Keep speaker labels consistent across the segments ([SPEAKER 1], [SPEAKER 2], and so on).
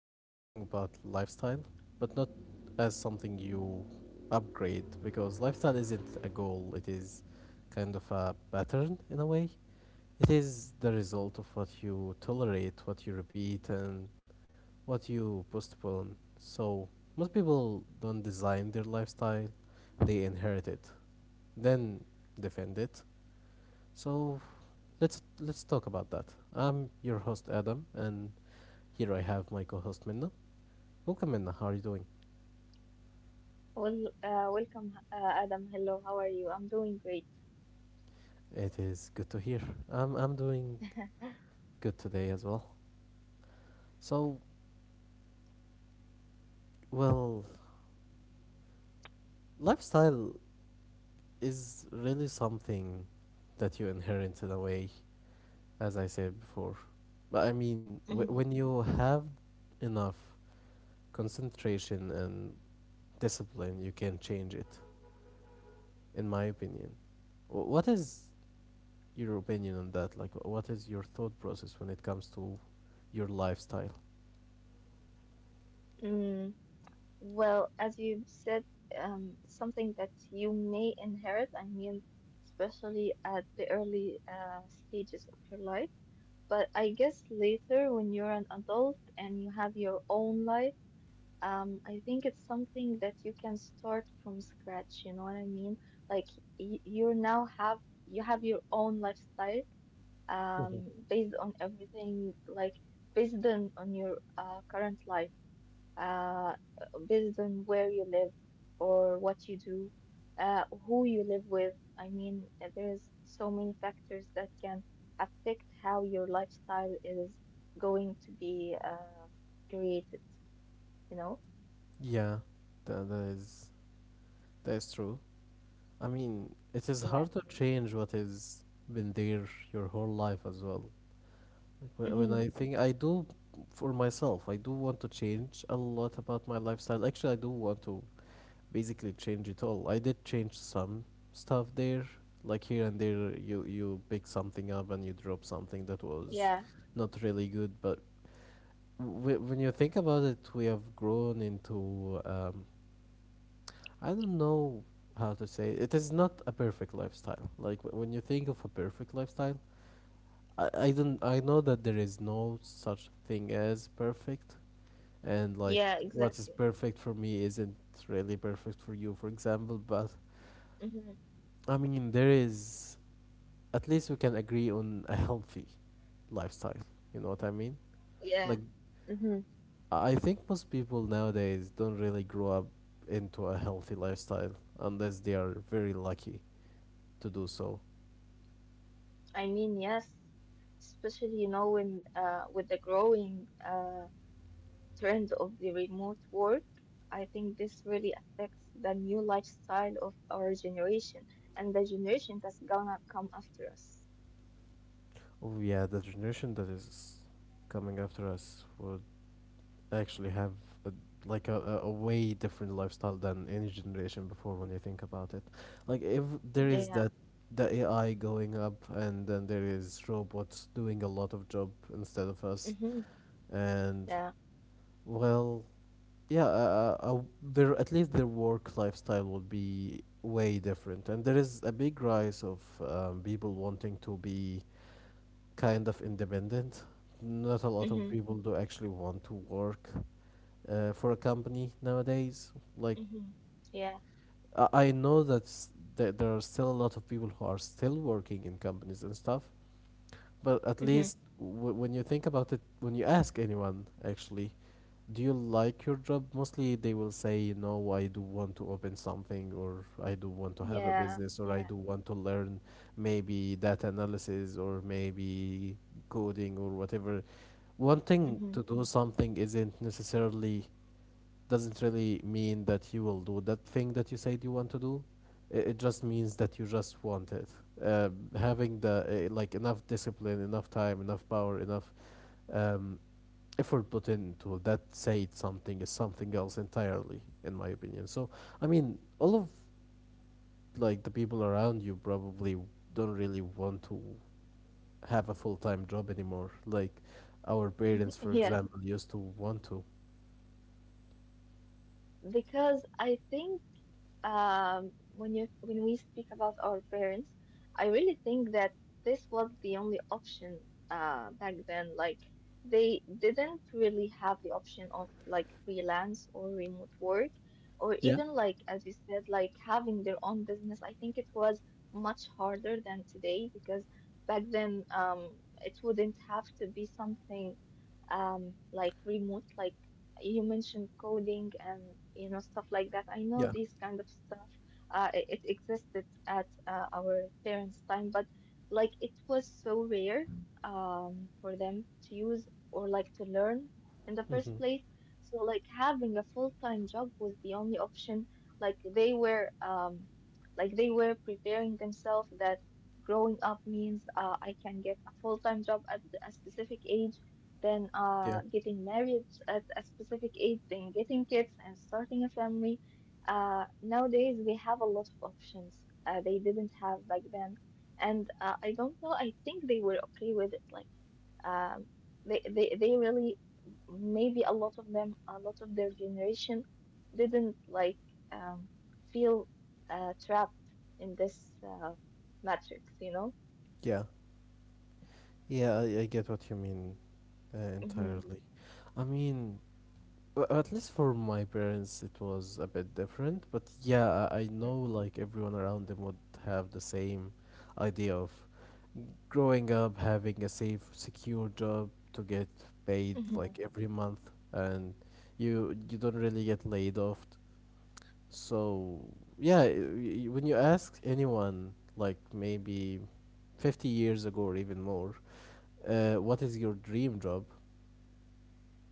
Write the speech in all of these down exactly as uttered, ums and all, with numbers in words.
[SPEAKER 1] we are talking about lifestyle, but not as something you upgrade because lifestyle isn't a goal, it is kind of a pattern in a way. It is the result of what you tolerate, what you repeat, and what you postpone. So, most people don't design their lifestyle, they inherit it, then defend it. So, let's let's talk about that. I'm your host Adam and here I have my co-host Minna. Welcome, Minna. How are you doing?
[SPEAKER 2] Well, uh, welcome, uh, Adam. Hello, how are you? I'm doing great.
[SPEAKER 1] It is good to hear. I'm I'm doing good today as well. So, well, lifestyle is really something that you inherit in a way, as I said before. But I mean, w-
[SPEAKER 2] Hmm.
[SPEAKER 1] when you have enough concentration and discipline, you can change it. In my opinion, Wh- what is your opinion on that? Like, wh- what is your thought process when it comes to your lifestyle?
[SPEAKER 2] Mm, well, as you said, um, something that you may inherit, I mean, especially at the early uh, stages of your life. But I guess later, when you're an adult and you have your own life, um, I think it's something that you can start from scratch, you know what I mean? Like y you now have you have your own lifestyle, um,
[SPEAKER 1] Mhm.
[SPEAKER 2] based on everything, like based on, on your uh, current life, uh, based on where you live or what you do, uh, who you live with. I mean, uh, there's so many factors that can affect how your lifestyle is going to be uh, created, you know?
[SPEAKER 1] Yeah, that, that is that is true. I mean, it is
[SPEAKER 2] Yeah.
[SPEAKER 1] hard to change what has been there your whole life as well. Like when, when
[SPEAKER 2] Hmm.
[SPEAKER 1] I think I do for myself, I do want to change a lot about my lifestyle. Actually, I do want to basically change it all. I did change some stuff there, like here and there. You you pick something up and you drop something that was
[SPEAKER 2] Yeah.
[SPEAKER 1] not really good. But w- when you think about it, we have grown into um, I don't know how to say it. It is not a perfect lifestyle. Like wh- when you think of a perfect lifestyle, I, I don't I know that there is no such thing as perfect, and like
[SPEAKER 2] Yeah,
[SPEAKER 1] what is
[SPEAKER 2] exactly.
[SPEAKER 1] perfect for me isn't really perfect for you, for example, but
[SPEAKER 2] Hmm.
[SPEAKER 1] I mean there is, at least we can agree on a healthy lifestyle. You know what I mean?
[SPEAKER 2] Yeah.
[SPEAKER 1] Like
[SPEAKER 2] Hmm.
[SPEAKER 1] I think most people nowadays don't really grow up into a healthy lifestyle unless they are very lucky to do so.
[SPEAKER 2] I mean, yes, especially you know when, uh, with the growing uh, trend of the remote work, I think this really affects the new lifestyle of our generation and the generation that's gonna come after us.
[SPEAKER 1] Oh yeah, the generation that is coming after us would actually have a, like a, a, a way different lifestyle than any generation before when you think about it. Like if there is
[SPEAKER 2] Yeah.
[SPEAKER 1] that, the A I going up and then there is robots doing a lot of job instead of us
[SPEAKER 2] Mhm.
[SPEAKER 1] and
[SPEAKER 2] Yeah.
[SPEAKER 1] well, yeah, uh, uh, uh, their, at least their work lifestyle would be way different, and there is a big rise of um, people wanting to be kind of independent. Not a lot of
[SPEAKER 2] Mhm.
[SPEAKER 1] people do actually want to work uh, for a company nowadays. Like
[SPEAKER 2] Mhm. Yeah.
[SPEAKER 1] I, I know that there there are still a lot of people who are still working in companies and stuff, but at
[SPEAKER 2] Mhm.
[SPEAKER 1] least w- when you think about it, when you ask anyone, actually, do you like your job? Mostly they will say, you know, I do want to open something, or I do want to have a
[SPEAKER 2] Yeah.
[SPEAKER 1] business, or I do
[SPEAKER 2] Yeah.
[SPEAKER 1] want to learn maybe data analysis, or maybe coding, or whatever. Wanting to
[SPEAKER 2] Mhm.
[SPEAKER 1] do something isn't necessarily Doesn't really mean that you will do that thing that you said you want to do. It, it just means that you just want it. Um, having the uh, like enough discipline, enough time, enough power, enough um, effort put into that said something is something else entirely, in my opinion. So I mean, all of like the people around you probably don't really want to have a full time job anymore. Like our parents, for
[SPEAKER 2] Yes,
[SPEAKER 1] example, used to want to.
[SPEAKER 2] because I think. um, when you when we speak about our parents, I really think that this was the only option, uh, back then. Like they didn't really have the option of like freelance or remote work, or even like, as you said, like having their own business. I think it was much harder than today, because back then, um, it wouldn't have to be something, um, like remote, like you mentioned coding and you know stuff like that. I know these kind of stuff. Uh, it, it existed at, uh, our parents' time, but like it was so rare, um, for them to use or like to learn in the first
[SPEAKER 1] Hmm.
[SPEAKER 2] place. So like having a full-time job was the only option. Like they were um, like they were preparing themselves that growing up means, uh, I can get a full-time job at a specific age, then,
[SPEAKER 1] Yeah.
[SPEAKER 2] uh, getting married at a specific age, then getting kids and starting a family. Uh, nowadays, we have a lot of options, uh, they didn't have back then. And, uh, I don't know, I think they were okay with it. Like, um, they, they, they really, maybe a lot of them, a lot of their generation didn't like, um, feel, uh, trapped in this, uh, matrix, you know?
[SPEAKER 1] Yeah. Yeah, I, I get what you mean uh,
[SPEAKER 2] Hmm.
[SPEAKER 1] entirely. I mean, w- at least for my parents, it was a bit different. But yeah, I, I know like everyone around them would have the same idea of growing up, having a safe, secure job to get paid
[SPEAKER 2] Hmm.
[SPEAKER 1] like every month, and you you don't really get laid off. So yeah, y- y- when you ask anyone like maybe fifty years ago or even more, uh, what is your dream job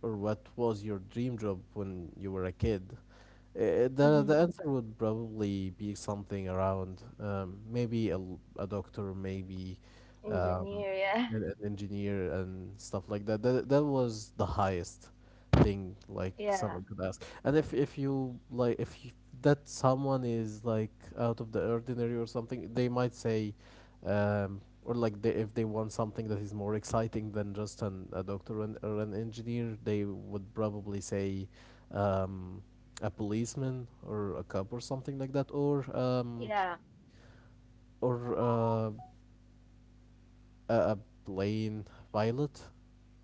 [SPEAKER 1] or what was your dream job when you were a kid, uh, the
[SPEAKER 2] Hmm.
[SPEAKER 1] the answer would probably be something around um, maybe a, l- a doctor, maybe um,
[SPEAKER 2] Engineer, yeah.
[SPEAKER 1] and an engineer and stuff like that. That that was the highest thing like
[SPEAKER 2] Yeah.
[SPEAKER 1] someone could ask. And if if you, like if you, that someone is like out of the ordinary or something, they might say, um, or like they, if they want something that is more exciting than just an a doctor and, or an engineer, they would probably say. Um, a policeman or a cop or something like that, or um,
[SPEAKER 2] Yeah,
[SPEAKER 1] or uh, a, a plane pilot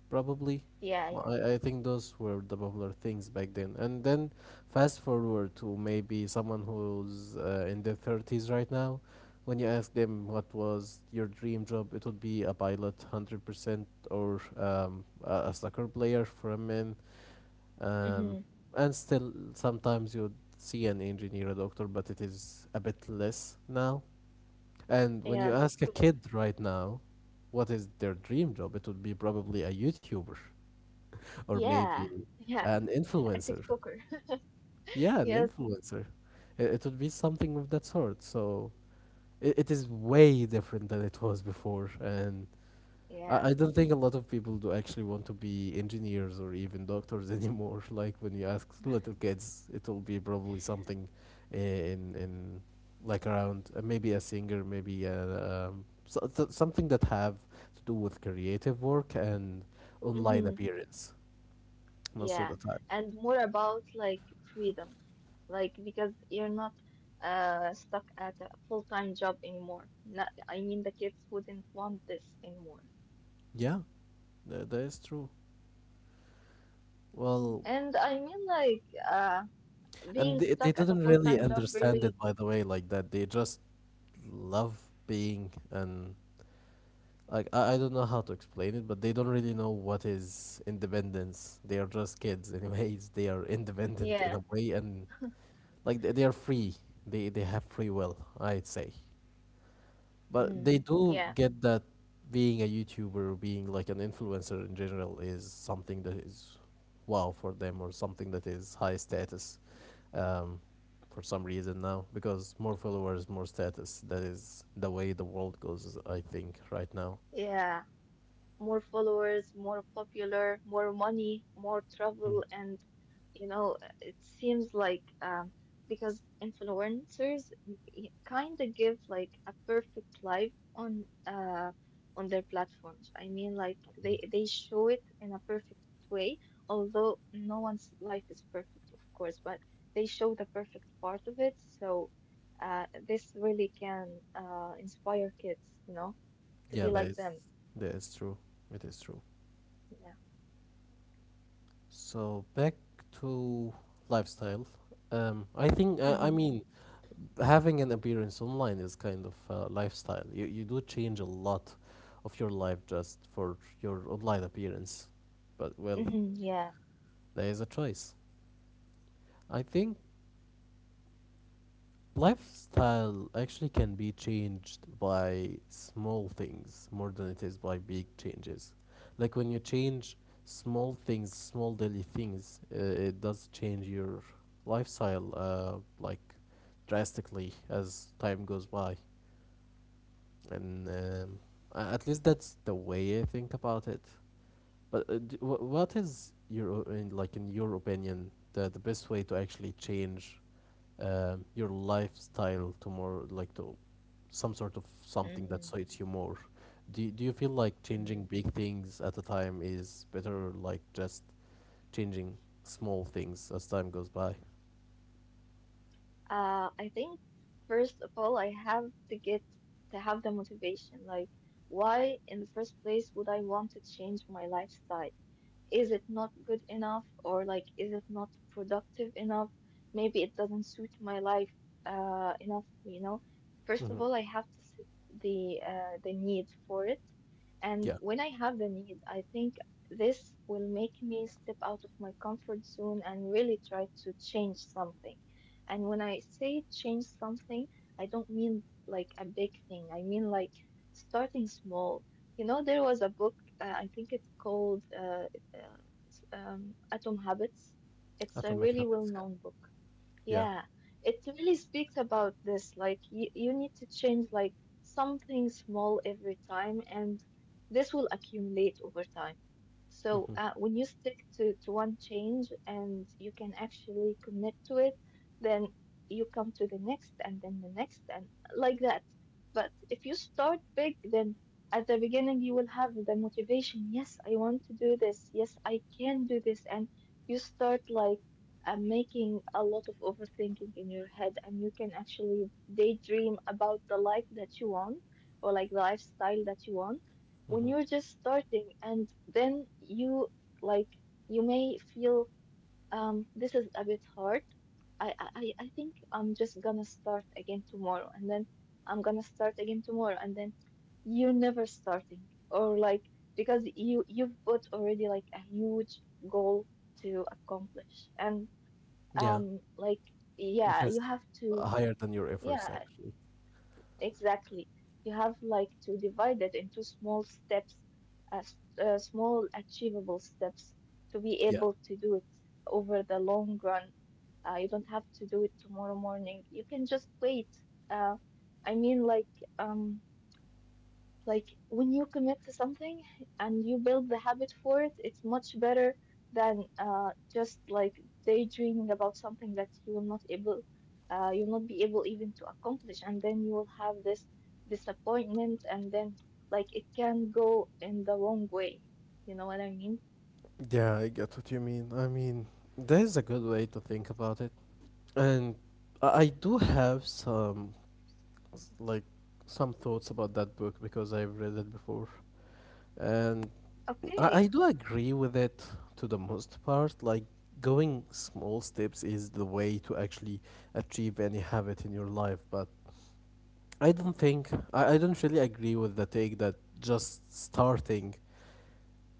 [SPEAKER 1] probably.
[SPEAKER 2] yeah,
[SPEAKER 1] Well,
[SPEAKER 2] yeah.
[SPEAKER 1] I, I think those were the popular things back then. And then fast forward to maybe someone who's uh, in their thirties right now. When you ask them what was your dream job, it would be a pilot, one hundred percent, or um, a, a soccer player for a man. Um,
[SPEAKER 2] Mm-hmm.
[SPEAKER 1] and still, sometimes you'd see an engineer, a doctor, but it is a bit less now. And when you
[SPEAKER 2] Yes,
[SPEAKER 1] ask a
[SPEAKER 2] sure.
[SPEAKER 1] kid right now what is their dream job, it would be probably a YouTuber or maybe
[SPEAKER 2] Yeah, yeah,
[SPEAKER 1] an
[SPEAKER 2] a
[SPEAKER 1] influencer.
[SPEAKER 2] TikToker.
[SPEAKER 1] Yeah, an
[SPEAKER 2] Yes,
[SPEAKER 1] influencer. It, it would be something of that sort. So it, it is way different than it was before, and I, I
[SPEAKER 2] yeah.
[SPEAKER 1] don't think a lot of people do actually want to be engineers or even doctors anymore. Like when you ask little kids, it will be probably something in in like around uh, maybe a singer, maybe a, um, so, so- something that have to do with creative work and online
[SPEAKER 2] Mm-hmm.
[SPEAKER 1] appearance most of
[SPEAKER 2] Yeah,
[SPEAKER 1] the time.
[SPEAKER 2] and more about like freedom, like because you're not uh stuck at a full-time job anymore. Not, I mean, the kids wouldn't want this anymore.
[SPEAKER 1] Yeah. Th- that is true. Well,
[SPEAKER 2] And I mean, like uh
[SPEAKER 1] and
[SPEAKER 2] being
[SPEAKER 1] they, they
[SPEAKER 2] stuck at a
[SPEAKER 1] didn't really
[SPEAKER 2] full-time job,
[SPEAKER 1] understand
[SPEAKER 2] really.
[SPEAKER 1] it, by the way, like that. They just love being, and like I, I don't know how to explain it, but they don't really know what is independence. They are just kids, anyways. They are independent in a
[SPEAKER 2] Yeah.
[SPEAKER 1] way, and like they, they are free. They they have free will, I'd say. But
[SPEAKER 2] Mm-hmm.
[SPEAKER 1] they do
[SPEAKER 2] Yeah.
[SPEAKER 1] get that being a YouTuber, or being like an influencer in general, is something that is wow for them or something that is high status, um, for some reason now. Because more followers, more status. That is the way the world goes, I think, right now.
[SPEAKER 2] Yeah. More followers, more popular, more money, more
[SPEAKER 1] Mm.
[SPEAKER 2] travel, and, you know, it seems like, um, because influencers kind of give like a perfect life on uh on their platforms. I mean, like they they show it in a perfect way, although no one's life is perfect, of course, but they show the perfect part of it. So, uh, this really can, uh, inspire kids, you know, to
[SPEAKER 1] Yeah,
[SPEAKER 2] be
[SPEAKER 1] that
[SPEAKER 2] like
[SPEAKER 1] is,
[SPEAKER 2] them.
[SPEAKER 1] that is true. It is true.
[SPEAKER 2] Yeah.
[SPEAKER 1] So back to lifestyle. Um, I think, I, I
[SPEAKER 2] Mhm.
[SPEAKER 1] mean, having an appearance online is kind of a lifestyle. You you do change a lot of your life just for your online appearance. But well,
[SPEAKER 2] Hmm, yeah.
[SPEAKER 1] there is a choice. I think lifestyle actually can be changed by small things more than it is by big changes. Like when you change small things, small daily things, uh, it does change your lifestyle uh, like drastically as time goes by. And um, a- at least that's the way I think about it. But uh, d- wh- what is your o- in, like in your opinion, the the best way to actually change um, your lifestyle to more like to some sort of something that
[SPEAKER 2] mm
[SPEAKER 1] suits you more? Do y- do you feel like changing
[SPEAKER 2] mm.
[SPEAKER 1] big things at a time is better, like just changing small things as time goes by?
[SPEAKER 2] Uh, I think first of all, I have to get to have the motivation. Like, why in the first place would I want to change my lifestyle? Is it not good enough, or like is it not productive enough? Maybe it doesn't suit my life, uh, enough, you know first
[SPEAKER 1] Mm-hmm.
[SPEAKER 2] of all I have to set the uh, the need for it. And
[SPEAKER 1] Yeah.
[SPEAKER 2] when I have the need, I think this will make me step out of my comfort zone and really try to change something. And when I say change something, I don't mean like a big thing. I mean, like, starting small. You know, there was a book, uh, I think it's called, uh, uh, um, Atom Habits. It's a
[SPEAKER 1] Atomic
[SPEAKER 2] really
[SPEAKER 1] habits. Yeah.
[SPEAKER 2] well-known book.
[SPEAKER 1] Yeah.
[SPEAKER 2] Yeah, it really speaks about this. Like, you, you need to change like something small every time, and this will accumulate over time. So,
[SPEAKER 1] Mm-hmm.
[SPEAKER 2] uh, when you stick to, to one change and you can actually commit to it, then you come to the next, and then the next, and like that. But if you start big, then at the beginning you will have the motivation. Yes, I want to do this, yes, I can do this. And you start like, uh, making a lot of overthinking in your head, and you can actually daydream about the life that you want, or like the lifestyle that you want,
[SPEAKER 1] Mm-hmm.
[SPEAKER 2] when you're just starting. And then you, like, you may feel, um, this is a bit hard. I, I, I I think I'm just gonna start again tomorrow, and then I'm gonna start again tomorrow, and then you're never starting. Or like, because you you've put already like a huge goal to accomplish, and,
[SPEAKER 1] Yeah.
[SPEAKER 2] um, like,
[SPEAKER 1] It
[SPEAKER 2] yeah,
[SPEAKER 1] is
[SPEAKER 2] you have to,
[SPEAKER 1] higher than your efforts,
[SPEAKER 2] yeah,
[SPEAKER 1] actually.
[SPEAKER 2] exactly. You have like to divide it into small steps, uh, s- uh, small achievable steps to be
[SPEAKER 1] Yeah.
[SPEAKER 2] able to do it over the long run. Uh, you don't have to do it tomorrow morning. You can just wait. Uh, I mean, like, um, like when you commit to something and you build the habit for it, it's much better than, uh, just like daydreaming about something that you will not able, uh, you'll not be able even to accomplish, and then you will have this disappointment, and then like it can go in the wrong way. You know what I mean?
[SPEAKER 1] Yeah, I get what you mean. I mean, that is a good way to think about it. And I I do have some, s- like, some thoughts about that book because I've read it before. And I, I
[SPEAKER 2] Okay.
[SPEAKER 1] do agree with it to the most part. Like, going small steps is the way to actually achieve any habit in your life. But I don't think, I, I don't really agree with the take that just starting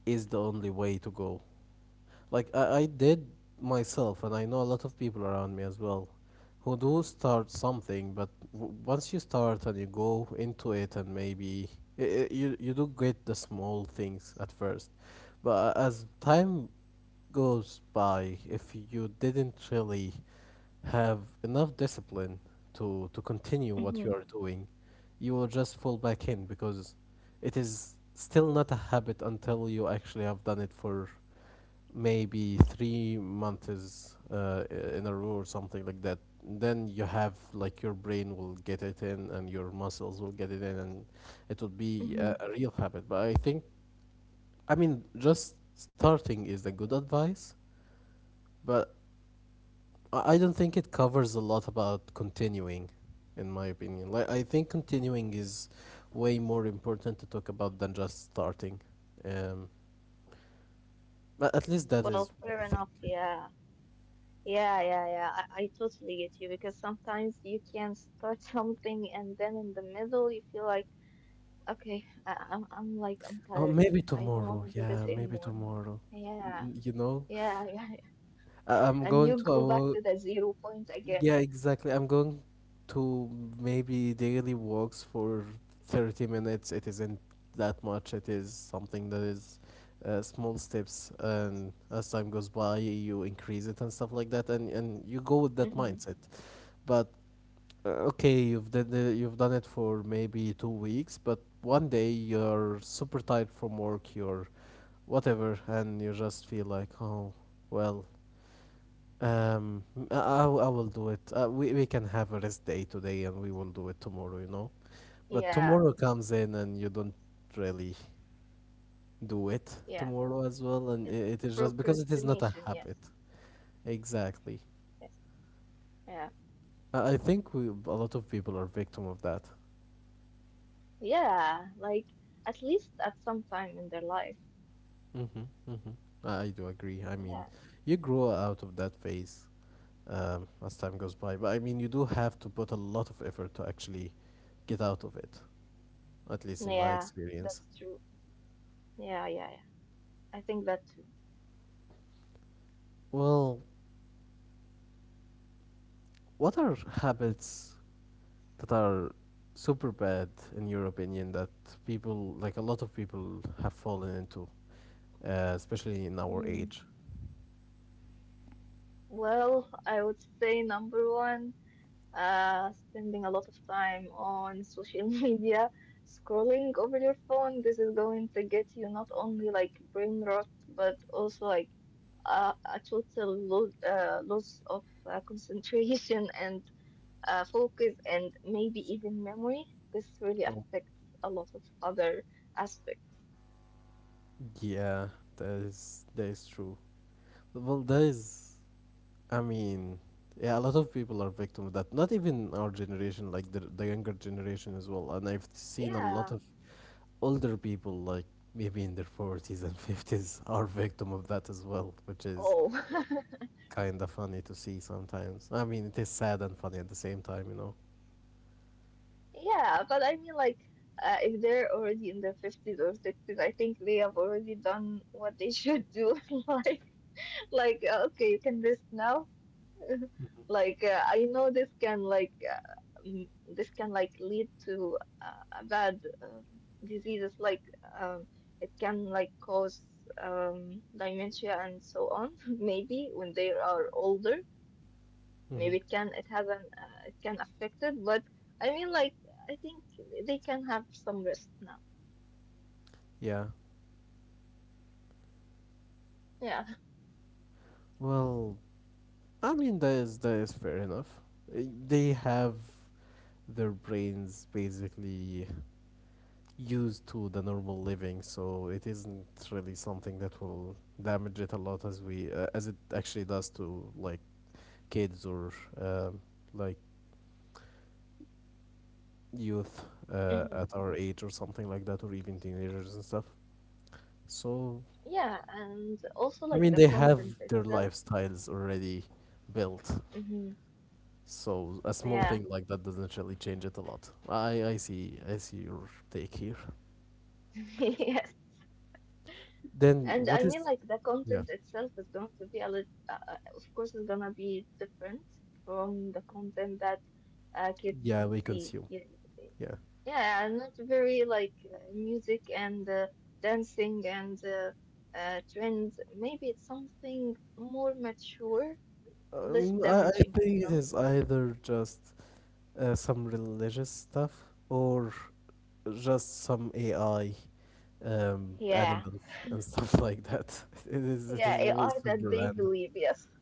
[SPEAKER 1] is the only way to go. Like I, I did myself, and I know a lot of people around me as well who do start something, but w- once you start and you go into it, and maybe I I you you do get the small things at first, but uh, as time goes by, if you didn't really have enough discipline to to continue what you
[SPEAKER 2] Mm-hmm.
[SPEAKER 1] are doing, you will just fall back in because it is still not a habit until you actually have done it for maybe three months uh, i- in a row or something like that. Then you have like your brain will get it in and your muscles will get it in and it will be a,
[SPEAKER 2] Mm-hmm.
[SPEAKER 1] a real habit. But I think, I mean, just starting is the good advice, but I I don't think it covers a lot about continuing, in my opinion. Like I think continuing is way more important to talk about than just starting. Um, but at least that is
[SPEAKER 2] Well,
[SPEAKER 1] what I
[SPEAKER 2] fair
[SPEAKER 1] think.
[SPEAKER 2] enough. Yeah. Yeah, yeah, yeah. I, I totally get you, because sometimes you can start something and then in the middle you feel like, okay, I, I'm I'm like I'm
[SPEAKER 1] Oh,
[SPEAKER 2] tired.
[SPEAKER 1] maybe
[SPEAKER 2] I don't
[SPEAKER 1] tomorrow.
[SPEAKER 2] want to do this
[SPEAKER 1] Yeah, maybe
[SPEAKER 2] anymore.
[SPEAKER 1] tomorrow.
[SPEAKER 2] Yeah,
[SPEAKER 1] N- You know,
[SPEAKER 2] yeah, yeah.
[SPEAKER 1] I- I'm
[SPEAKER 2] And you
[SPEAKER 1] going to
[SPEAKER 2] go back to
[SPEAKER 1] a,
[SPEAKER 2] the zero point again.
[SPEAKER 1] yeah, exactly. I'm going to maybe daily walks for thirty minutes. It isn't that much. It is something that is uh, small steps, and as time goes by, you increase it and stuff like that, and and you go with that
[SPEAKER 2] Mm-hmm.
[SPEAKER 1] mindset. But uh, okay, you've done the, you've done it for maybe two weeks, but one day you're super tired from work, you're whatever, and you just feel like, oh, well, um, I, I w- I will do it. Uh, we, we can have a rest day today and we will do it tomorrow, you know? But
[SPEAKER 2] Yeah,
[SPEAKER 1] tomorrow comes in and you don't really do it
[SPEAKER 2] yeah.
[SPEAKER 1] tomorrow as well. And I
[SPEAKER 2] It's
[SPEAKER 1] it is just because it is not a
[SPEAKER 2] procrastination.
[SPEAKER 1] habit.
[SPEAKER 2] Yes,
[SPEAKER 1] Exactly.
[SPEAKER 2] yes. Yeah,
[SPEAKER 1] I, I think we, a lot of people are victim of that.
[SPEAKER 2] yeah. Like, at least at some time in their life.
[SPEAKER 1] Mm-hmm, mm-hmm. I, I do agree. I mean,
[SPEAKER 2] Yeah,
[SPEAKER 1] you grow out of that phase um, as time goes by. But I mean, you do have to put a lot of effort to actually get out of it, at least in my
[SPEAKER 2] yeah.
[SPEAKER 1] experience.
[SPEAKER 2] That's true. Yeah, yeah, yeah. I think that too.
[SPEAKER 1] Well, what are habits that are super bad in your opinion that people, like a lot of people, have fallen into, uh, especially in our
[SPEAKER 2] Mm.
[SPEAKER 1] age?
[SPEAKER 2] Well, I would say number one, uh, spending a lot of time on social media, scrolling over your phone. This is going to get you not only like brain rot, but also like, uh, a total lo uh, loss of, uh, concentration and, uh, focus, and maybe even memory. This really
[SPEAKER 1] Oh,
[SPEAKER 2] affects a lot of other aspects.
[SPEAKER 1] yeah, that is that is true. Well, that is, I mean, yeah, a lot of people are victim of that. Not even our generation, like the the younger generation as well. And I've seen a lot
[SPEAKER 2] Yeah.
[SPEAKER 1] of older people, like maybe in their forties and fifties, are victim of that as well, which is
[SPEAKER 2] Oh.
[SPEAKER 1] kind of funny to see sometimes. I mean, it is sad and funny at the same time, you know.
[SPEAKER 2] Yeah, but I mean, like, uh, if they're already in their fifties or sixties, I think they have already done what they should do. Like, like, uh, okay, you can rest now. Like, uh, I know this can like, uh, mm, this can like lead to, uh, a bad, uh, diseases. Like, um, it can like cause, um, dementia and so on. Maybe when they are older.
[SPEAKER 1] Hmm.
[SPEAKER 2] Maybe it can it has an uh, it can affect it, but I mean, like, I think they can have some rest now.
[SPEAKER 1] Yeah.
[SPEAKER 2] Yeah.
[SPEAKER 1] Well, I mean that is that is fair enough. Uh, They have their brains basically used to the normal living, so it isn't really something that will damage it a lot as we uh, as it actually does to like kids or um, like youth uh,
[SPEAKER 2] Hmm.
[SPEAKER 1] at our age or something like that, or even teenagers and stuff. So
[SPEAKER 2] Yeah, and also
[SPEAKER 1] I
[SPEAKER 2] like
[SPEAKER 1] mean,
[SPEAKER 2] the
[SPEAKER 1] they have
[SPEAKER 2] content
[SPEAKER 1] their
[SPEAKER 2] itself.
[SPEAKER 1] lifestyles already built,
[SPEAKER 2] Hmm.
[SPEAKER 1] so a small
[SPEAKER 2] Yeah.
[SPEAKER 1] thing like that doesn't really change it a lot. I I see I see your take here.
[SPEAKER 2] Yes.
[SPEAKER 1] Then
[SPEAKER 2] And I
[SPEAKER 1] what
[SPEAKER 2] mean,
[SPEAKER 1] is?
[SPEAKER 2] like the
[SPEAKER 1] Yeah,
[SPEAKER 2] content itself is going to be a little, uh, uh, of course, it's gonna be different from the content that, uh, kids
[SPEAKER 1] yeah, we
[SPEAKER 2] see.
[SPEAKER 1] consume.
[SPEAKER 2] Ye-
[SPEAKER 1] Yeah,
[SPEAKER 2] Yeah, and not very like, uh, music and, uh, dancing and, uh, uh, trends. Maybe it's something more mature, less
[SPEAKER 1] um, I I
[SPEAKER 2] damaging, you
[SPEAKER 1] think
[SPEAKER 2] know?
[SPEAKER 1] it is either just uh, some religious stuff or just some A I, um,
[SPEAKER 2] Yeah,
[SPEAKER 1] animals and stuff like that. It is it
[SPEAKER 2] yeah,
[SPEAKER 1] is always
[SPEAKER 2] A I that
[SPEAKER 1] super
[SPEAKER 2] they
[SPEAKER 1] random.
[SPEAKER 2] believe, yes.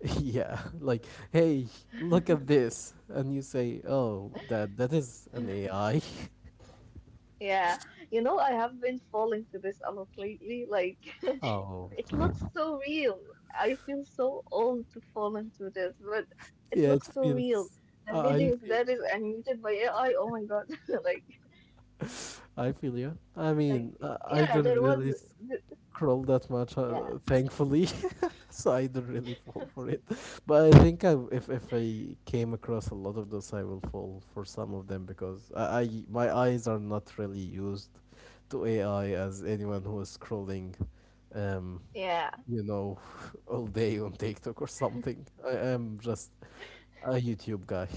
[SPEAKER 1] Yeah, like, hey, look at this, and you say, oh, that that is an A I.
[SPEAKER 2] Yeah, you know, I have been falling to this a lot lately. Like,
[SPEAKER 1] Oh,
[SPEAKER 2] it looks so real. I feel so old to fall into this, but it
[SPEAKER 1] yeah,
[SPEAKER 2] looks
[SPEAKER 1] it
[SPEAKER 2] so real.
[SPEAKER 1] feels.
[SPEAKER 2] The
[SPEAKER 1] I I
[SPEAKER 2] videos
[SPEAKER 1] feel
[SPEAKER 2] that
[SPEAKER 1] you.
[SPEAKER 2] is animated by A I, oh my God. Like,
[SPEAKER 1] I feel you. I mean,
[SPEAKER 2] like,
[SPEAKER 1] I, I
[SPEAKER 2] yeah,
[SPEAKER 1] don't
[SPEAKER 2] there
[SPEAKER 1] really
[SPEAKER 2] was, th-
[SPEAKER 1] scroll that much, uh,
[SPEAKER 2] yeah,
[SPEAKER 1] thankfully, so I don't really fall for it. But I think I, if if I came across a lot of those, I will fall for some of them because I, I my eyes are not really used to A I as anyone who is scrolling um,
[SPEAKER 2] yeah.
[SPEAKER 1] you know, all day on TikTok or something. I am just a YouTube guy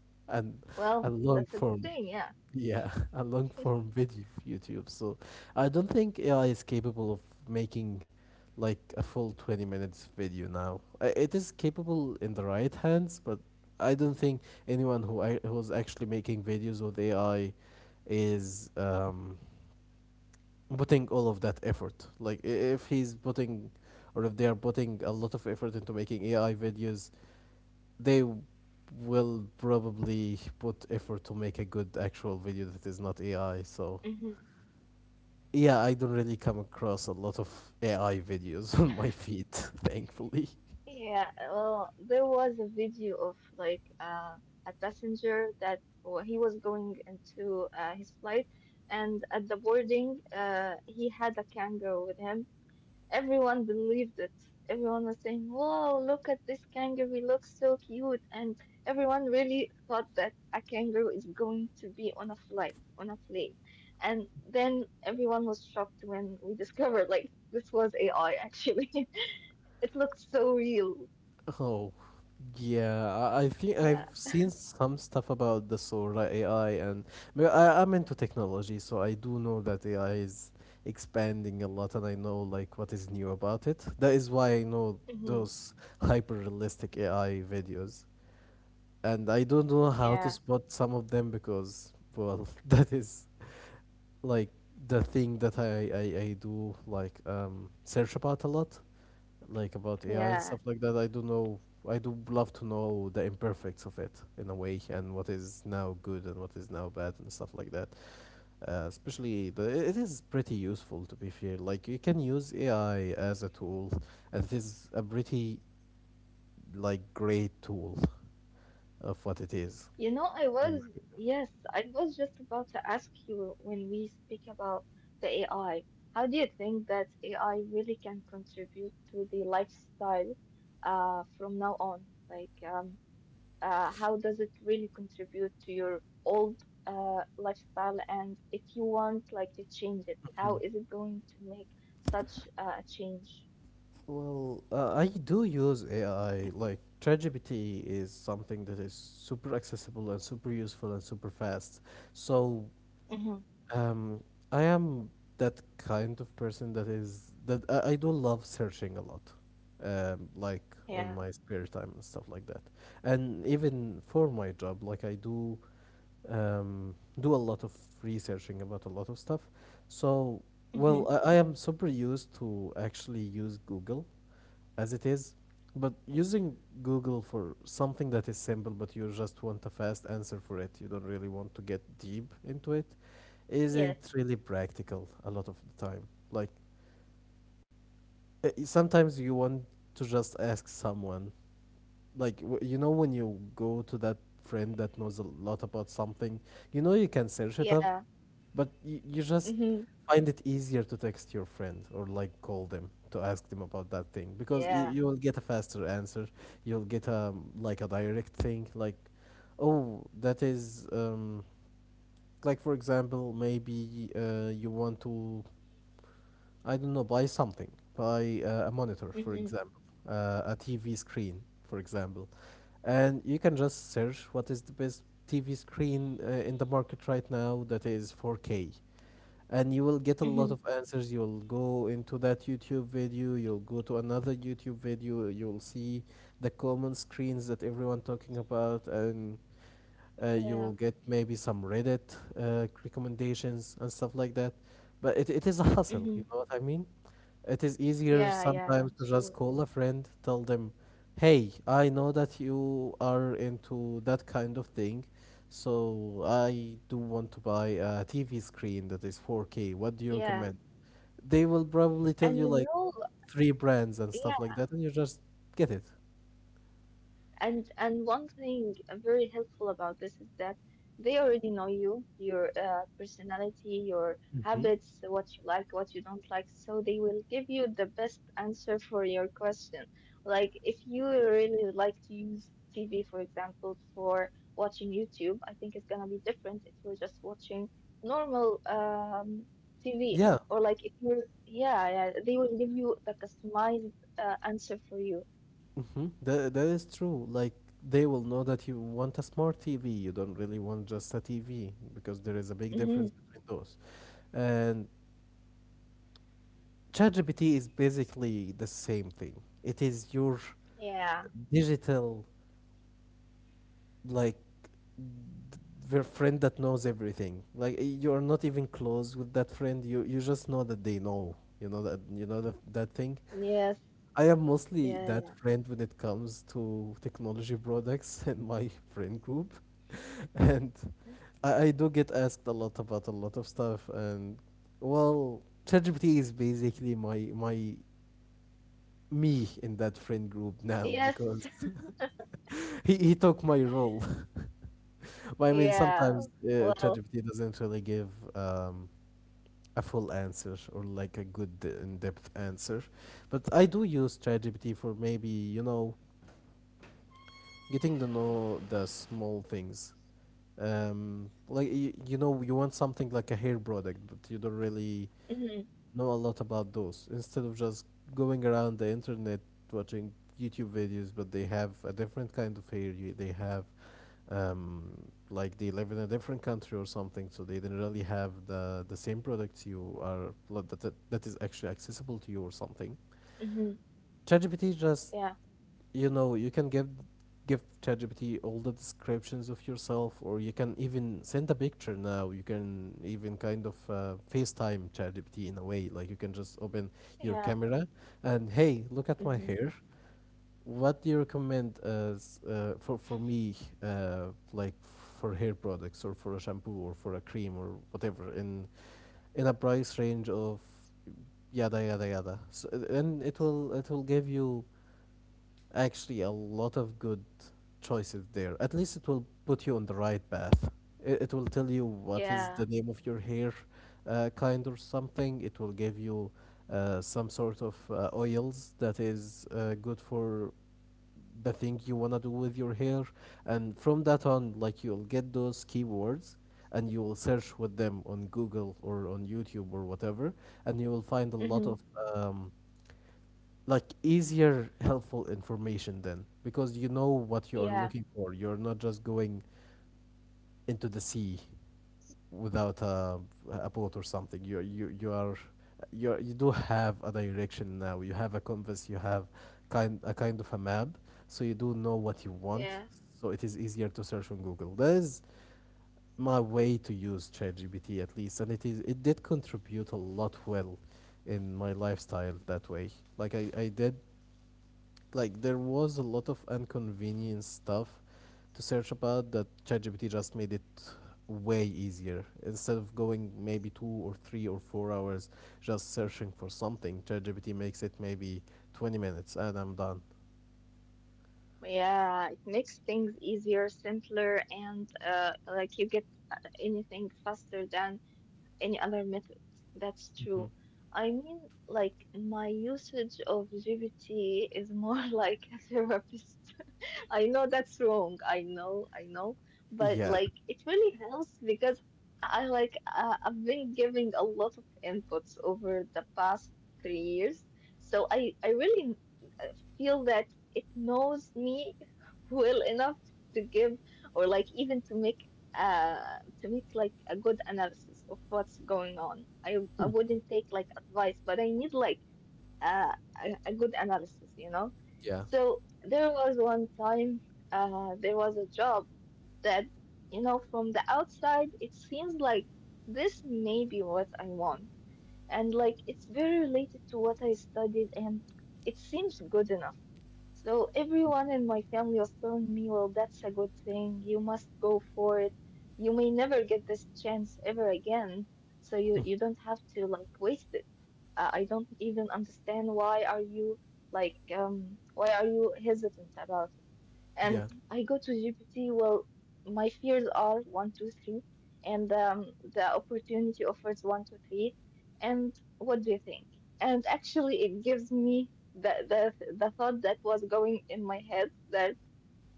[SPEAKER 1] and
[SPEAKER 2] Well,
[SPEAKER 1] and long
[SPEAKER 2] that's a good
[SPEAKER 1] form,
[SPEAKER 2] thing, yeah.
[SPEAKER 1] yeah, a long form video of YouTube. So I don't think A I is capable of making like a full twenty minutes video now. I- It is capable in the right hands, but I don't think anyone who I, who's actually making videos with A I is um putting all of that effort. Like i- if he's putting, or if they are putting a lot of effort into making A I videos, they w- will probably put effort to make a good actual video that is not A I. So
[SPEAKER 2] Mm-hmm.
[SPEAKER 1] yeah, I don't really come across a lot of A I videos on my feed, thankfully.
[SPEAKER 2] Yeah, well, there was a video of like, uh, a passenger that, well, he was going into, uh, his flight, and at the boarding, uh, he had a kangaroo with him. Everyone believed it. Everyone was saying, "Whoa, look at this kangaroo! He looks so cute!" And everyone really thought that a kangaroo is going to be on a flight, on a plane. And then everyone was shocked when we discovered like this was A I, actually. It looked so real.
[SPEAKER 1] Oh, yeah. I I think
[SPEAKER 2] Yeah.
[SPEAKER 1] I've seen some stuff about the Sora A I, and but I, I'm into technology, so I do know that A I is expanding a lot, and I know like what is new about it. That is why I know
[SPEAKER 2] Hmm.
[SPEAKER 1] those hyper realistic A I videos, and I don't know how to
[SPEAKER 2] Yeah.
[SPEAKER 1] spot some of them because, well, that is like the thing that I, I, I do like um, search about a lot, like about A I and stuff
[SPEAKER 2] Yeah.
[SPEAKER 1] like that. I do know I do love to know the imperfects of it in a way and what is now good and what is now bad and stuff like that. Uh, especially the it is pretty useful to be fair. Like you can use A I as a tool and it is a pretty like great tool of what it is.
[SPEAKER 2] You know, I was, yes, I was just about to ask you, when we speak about the A I, how do you think that A I really can contribute to the lifestyle uh from now on? Like, um uh how does it really contribute to your old uh lifestyle, and if you want like to change it, how is it going to make such, uh, a change?
[SPEAKER 1] Well, uh, I do use A I. Like ChatGPT is something that is super accessible and super useful and super fast. So,
[SPEAKER 2] Hmm.
[SPEAKER 1] um, I am that kind of person that is that I, I do love searching a lot, um, like on
[SPEAKER 2] Yeah.
[SPEAKER 1] my spare time and stuff like that. And even for my job, like I do um, do a lot of researching about a lot of stuff. So,
[SPEAKER 2] Hmm.
[SPEAKER 1] well, I, I am super used to actually use Google as it is. But using Google for something that is simple, but you just want a fast answer for it, you don't really want to get deep into it,
[SPEAKER 2] Yes.
[SPEAKER 1] isn't really practical a lot of the time. Like uh, sometimes you want to just ask someone, like w- you know when you go to that friend that knows a lot about something, you know you can search it up,
[SPEAKER 2] Yeah.
[SPEAKER 1] but you, you just
[SPEAKER 2] Mhm.
[SPEAKER 1] find it easier to text your friend or like call them to ask them about that thing because y-
[SPEAKER 2] Yeah.
[SPEAKER 1] you'll get a faster answer. You'll get a like a direct thing like, oh, that is um like for example maybe uh you want to I don't know buy something buy uh, a monitor for
[SPEAKER 2] Mhm.
[SPEAKER 1] example uh, a T V screen for example and you can just search what is the best T V screen uh, in the market right now that is four K and you will get a
[SPEAKER 2] Mhm.
[SPEAKER 1] lot of answers, you'll go into that YouTube video, you'll go to another YouTube video, you'll see the common screens that everyone talking about and uh,
[SPEAKER 2] Yeah.
[SPEAKER 1] you'll get maybe some Reddit uh, recommendations and stuff like that but it, it is a
[SPEAKER 2] Mhm.
[SPEAKER 1] hustle, you know what I mean, it is easier
[SPEAKER 2] Yeah. Yeah. Yeah.
[SPEAKER 1] sometimes to
[SPEAKER 2] Sure.
[SPEAKER 1] just call a friend, tell them, "Hey, I know that you are into that kind of thing, so I do want to buy a T V screen that is four K. What do you
[SPEAKER 2] Yeah.
[SPEAKER 1] recommend?" They will probably tell
[SPEAKER 2] And
[SPEAKER 1] you
[SPEAKER 2] you
[SPEAKER 1] like
[SPEAKER 2] know,
[SPEAKER 1] three brands and stuff like
[SPEAKER 2] yeah.
[SPEAKER 1] that, and you just get it.
[SPEAKER 2] And and one thing uh, very helpful about this is that they already know you, your uh, personality, your
[SPEAKER 1] Hmm.
[SPEAKER 2] habits, what you like, what you don't like, so they will give you the best answer for your question. Like if you really like to use T V, for example, for watching YouTube, I think it's gonna be different if you're just watching normal um, T V
[SPEAKER 1] Yeah,
[SPEAKER 2] or like if you're yeah, yeah, they will give you the customized uh, answer for you.
[SPEAKER 1] mm-hmm. That, that is true. Like, they will know that you want a smart T V. You don't really want just a T V because there is a big difference
[SPEAKER 2] Mm-hmm.
[SPEAKER 1] between those. And ChatGPT is basically the same thing. It is your digital like their friend that knows everything. Like you're not even close with that friend. You you just know that they know. You know that you know that that thing.
[SPEAKER 2] Yes.
[SPEAKER 1] I am mostly
[SPEAKER 2] Yeah,
[SPEAKER 1] that
[SPEAKER 2] yeah.
[SPEAKER 1] friend when it comes to technology products and my friend group, and I, I do get asked a lot about a lot of stuff. And well, ChatGPT is basically my my me in that friend group now
[SPEAKER 2] Yes.
[SPEAKER 1] because he, he took my role. But I mean,
[SPEAKER 2] Yeah.
[SPEAKER 1] sometimes uh,
[SPEAKER 2] Well,
[SPEAKER 1] ChatGPT doesn't really give um, a full answer or like a good in depth answer. But I do use ChatGPT for maybe, you know, getting to know the small things. Um, like, you, you know, you want something like a hair product, but you don't really
[SPEAKER 2] mhm,
[SPEAKER 1] know a lot about those. Instead of just going around the internet watching YouTube videos, but they have a different kind of hair. You, they have um, like they live in a different country or something, so they didn't really have the the same products you are like, that that, that is actually accessible to you or something.
[SPEAKER 2] mhm.
[SPEAKER 1] ChatGPT just
[SPEAKER 2] Yeah.
[SPEAKER 1] you know you can give give ChatGPT all the descriptions of yourself, or you can even send a picture now. You can even kind of uh, FaceTime ChatGPT in a way, like you can just open your
[SPEAKER 2] Yeah.
[SPEAKER 1] camera and hey, look at my
[SPEAKER 2] Mhm.
[SPEAKER 1] hair, what do you recommend as uh, for for me uh, like for hair products or for a shampoo or for a cream or whatever in in a price range of yada yada yada, so uh, and it will it will give you actually a lot of good choices there. At least it will put you on the right path. It, it will tell you what is the
[SPEAKER 2] Yeah.
[SPEAKER 1] name of your hair uh, kind or something. It will give you uh, some sort of uh, oils that is uh, good for the thing you wanna do with your hair, and from that on, like you'll get those keywords, and you will search with them on Google or on YouTube or whatever, and you will find a lot
[SPEAKER 2] Mhm.
[SPEAKER 1] of um, like easier, helpful information then, because you know what you are
[SPEAKER 2] Yeah.
[SPEAKER 1] looking for. You're not just going into the sea without a, a boat or something. You you you are you you do have a direction now. You have a compass. You have kind a kind of a map, so you do know what you want.
[SPEAKER 2] Yeah.
[SPEAKER 1] So it is easier to search on Google. That is my way to use ChatGPT, at least, and it is it did contribute a lot well in my lifestyle that way. Like I I did, like there was a lot of inconvenient stuff to search about that ChatGPT just made it way easier. Instead of going maybe two or three or four hours just searching for something, ChatGPT makes it maybe twenty minutes and I'm done.
[SPEAKER 2] Yeah, it makes things easier, simpler, and uh, like you get uh, anything faster than any other method. That's
[SPEAKER 1] Mhm.
[SPEAKER 2] true. I mean, like my usage of G P T is more like a therapist. I know that's wrong. I know, I know, but
[SPEAKER 1] Yeah.
[SPEAKER 2] like it really helps because I like uh, I've been giving a lot of inputs over the past three years, so I I really uh, feel that it knows me well enough to give or like even to make uh to make like a good analysis of what's going on. I I wouldn't take like advice, but I need like uh, a, a good analysis, you know.
[SPEAKER 1] Yeah.
[SPEAKER 2] So there was one time uh, there was a job that, you know, from the outside, it seems like this may be what I want and like it's very related to what I studied and it seems good enough. So everyone in my family was telling me, well, that's a good thing. You must go for it. You may never get this chance ever again, so you you don't have to like waste it. Uh, I don't even understand why are you like um why are you hesitant about and
[SPEAKER 1] Yeah.
[SPEAKER 2] I go to G P T, well, my fears are one, two, three, and um, the opportunity offers one, two, three, and what do you think? And actually, it gives me the the, the thought that was going in my head that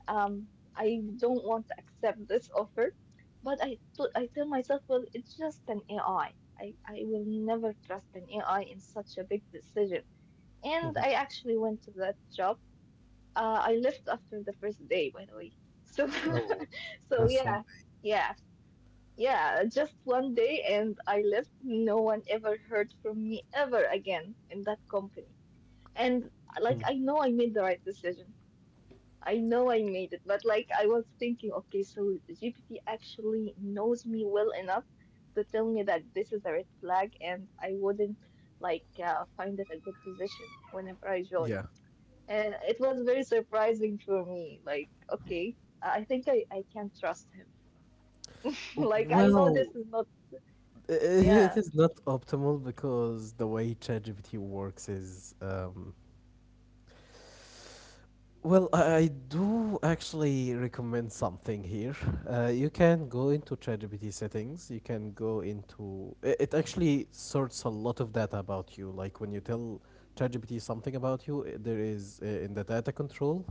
[SPEAKER 2] um, I don't want to accept this offer, but I t- I tell myself, well, it's just an A I. I, I I will never trust an A I in such a big decision. And
[SPEAKER 1] Hmm.
[SPEAKER 2] I actually went to that job uh, I left after the first day, by the way. So,
[SPEAKER 1] Oh,
[SPEAKER 2] so
[SPEAKER 1] that's
[SPEAKER 2] yeah,
[SPEAKER 1] one thing.
[SPEAKER 2] yeah, yeah. Just one day, and I left. No one ever heard from me ever again in that company. And like,
[SPEAKER 1] Mm.
[SPEAKER 2] I know I made the right decision. I know I made it, but like, I was thinking, okay, so G P T actually knows me well enough to tell me that this is a red flag, and I wouldn't like uh, find it a good position whenever I join.
[SPEAKER 1] Yeah,
[SPEAKER 2] And it was very surprising for me. Like, okay, I think I, I can trust him. Like, I know
[SPEAKER 1] well,
[SPEAKER 2] this is not,
[SPEAKER 1] I- i- it
[SPEAKER 2] yeah.
[SPEAKER 1] is not optimal because the way ChatGPT works is um well, I I do actually recommend something here. Uh, you can go into ChatGPT settings. You can go into it, it. Actually, sorts a lot of data about you. Like when you tell ChatGPT something about you, i- there is, uh, in the data control,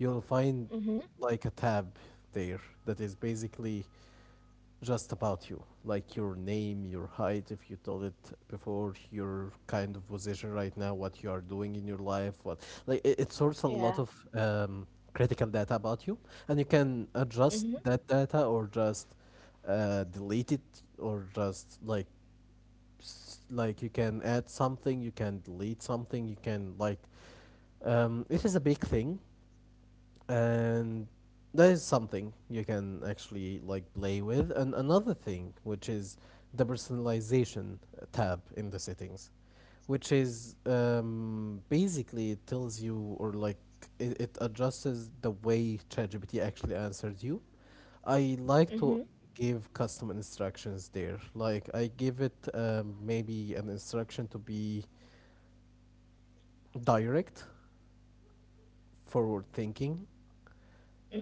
[SPEAKER 1] you'll find
[SPEAKER 2] Mm-hmm.
[SPEAKER 1] like a tab there that is basically just about you, like your name, your height, if you told it before, your kind of position right now, what you are doing in your life, what, like it, it sorts a lot
[SPEAKER 2] Yeah.
[SPEAKER 1] of um, critical data about you, and you can adjust
[SPEAKER 2] Mm-hmm.
[SPEAKER 1] that data or just uh, delete it, or just like s- like you can add something, you can delete something, you can like, um, it is a big thing, and that is something you can actually like play with. And another thing, which is the personalization tab in the settings, which is um, basically it tells you, or like it, it adjusts the way ChatGPT actually answers you. I like
[SPEAKER 2] Mm-hmm.
[SPEAKER 1] to give custom instructions there. Like I give it um, maybe an instruction to be direct, forward thinking,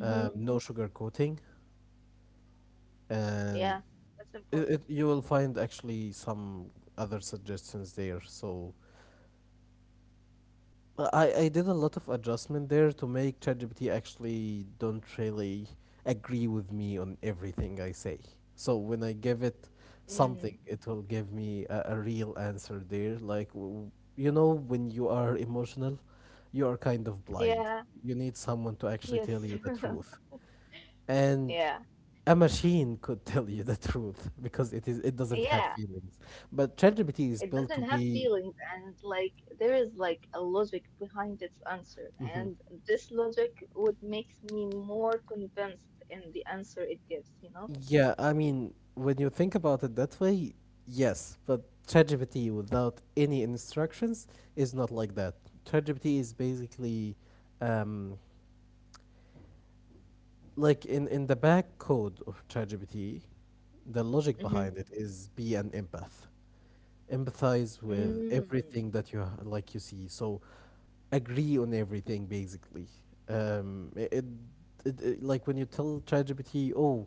[SPEAKER 1] um, no sugarcoating,
[SPEAKER 2] Yeah.
[SPEAKER 1] and
[SPEAKER 2] That's
[SPEAKER 1] it, it,
[SPEAKER 2] important.
[SPEAKER 1] you will find actually some other suggestions there. So well, I, I did a lot of adjustment there to make ChatGPT actually don't really agree with me on everything I say. So when I give it something,
[SPEAKER 2] Mm.
[SPEAKER 1] it will give me a, a real answer there. Like, w- you know, when you are emotional, you are kind of blind.
[SPEAKER 2] Yeah.
[SPEAKER 1] You need someone to actually tell
[SPEAKER 2] Yes.
[SPEAKER 1] you the truth. And
[SPEAKER 2] Yeah.
[SPEAKER 1] a machine could tell you the truth because it is it doesn't have
[SPEAKER 2] Yeah.
[SPEAKER 1] feelings. But ChatGPT is
[SPEAKER 2] It
[SPEAKER 1] built to
[SPEAKER 2] doesn't have
[SPEAKER 1] be.
[SPEAKER 2] feelings, and like there is like a logic behind its answer.
[SPEAKER 1] Mhm.
[SPEAKER 2] And this logic would make me more convinced in the answer it gives, you know?
[SPEAKER 1] Yeah, I mean, when you think about it that way, yes, but ChatGPT without any instructions is not like that. ChatGPT is basically, um, like in, in the back code of ChatGPT, the logic behind it is be an empath, empathize with
[SPEAKER 2] Mm-hmm.
[SPEAKER 1] everything that you ha- like you see, so agree on everything basically. um it, it, it it- like when you tell ChatGPT, oh,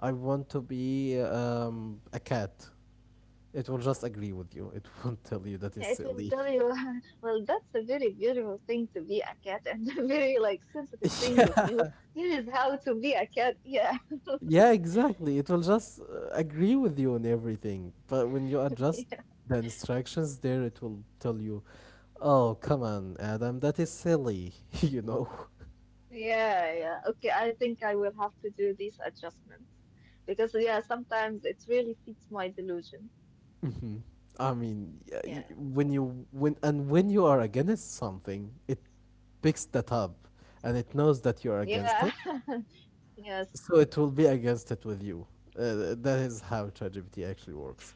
[SPEAKER 1] I want to be um a cat, it will just agree with you. It won't tell you that is
[SPEAKER 2] Yeah, it will
[SPEAKER 1] silly.
[SPEAKER 2] tell you, well, that's a very beautiful thing to be a cat and a very like sensitive thing of
[SPEAKER 1] Yeah.
[SPEAKER 2] you. Here is how to be a cat. Yeah,
[SPEAKER 1] Yeah, exactly, it will just uh, agree with you on everything. But when you adjust
[SPEAKER 2] yeah,
[SPEAKER 1] the instructions there, it will tell you, oh, come on, Adam, that is silly. You know.
[SPEAKER 2] yeah, yeah. Okay, I think I will have to do these adjustments because yeah, sometimes it really fits my delusion.
[SPEAKER 1] Hmm. I mean, y- y-
[SPEAKER 2] Yeah,
[SPEAKER 1] when you when and when you are against something, it picks that up, and it knows that you are against
[SPEAKER 2] yeah,
[SPEAKER 1] it,
[SPEAKER 2] yes,
[SPEAKER 1] so it will be against it with you. Uh, that is how ChatGPT actually works.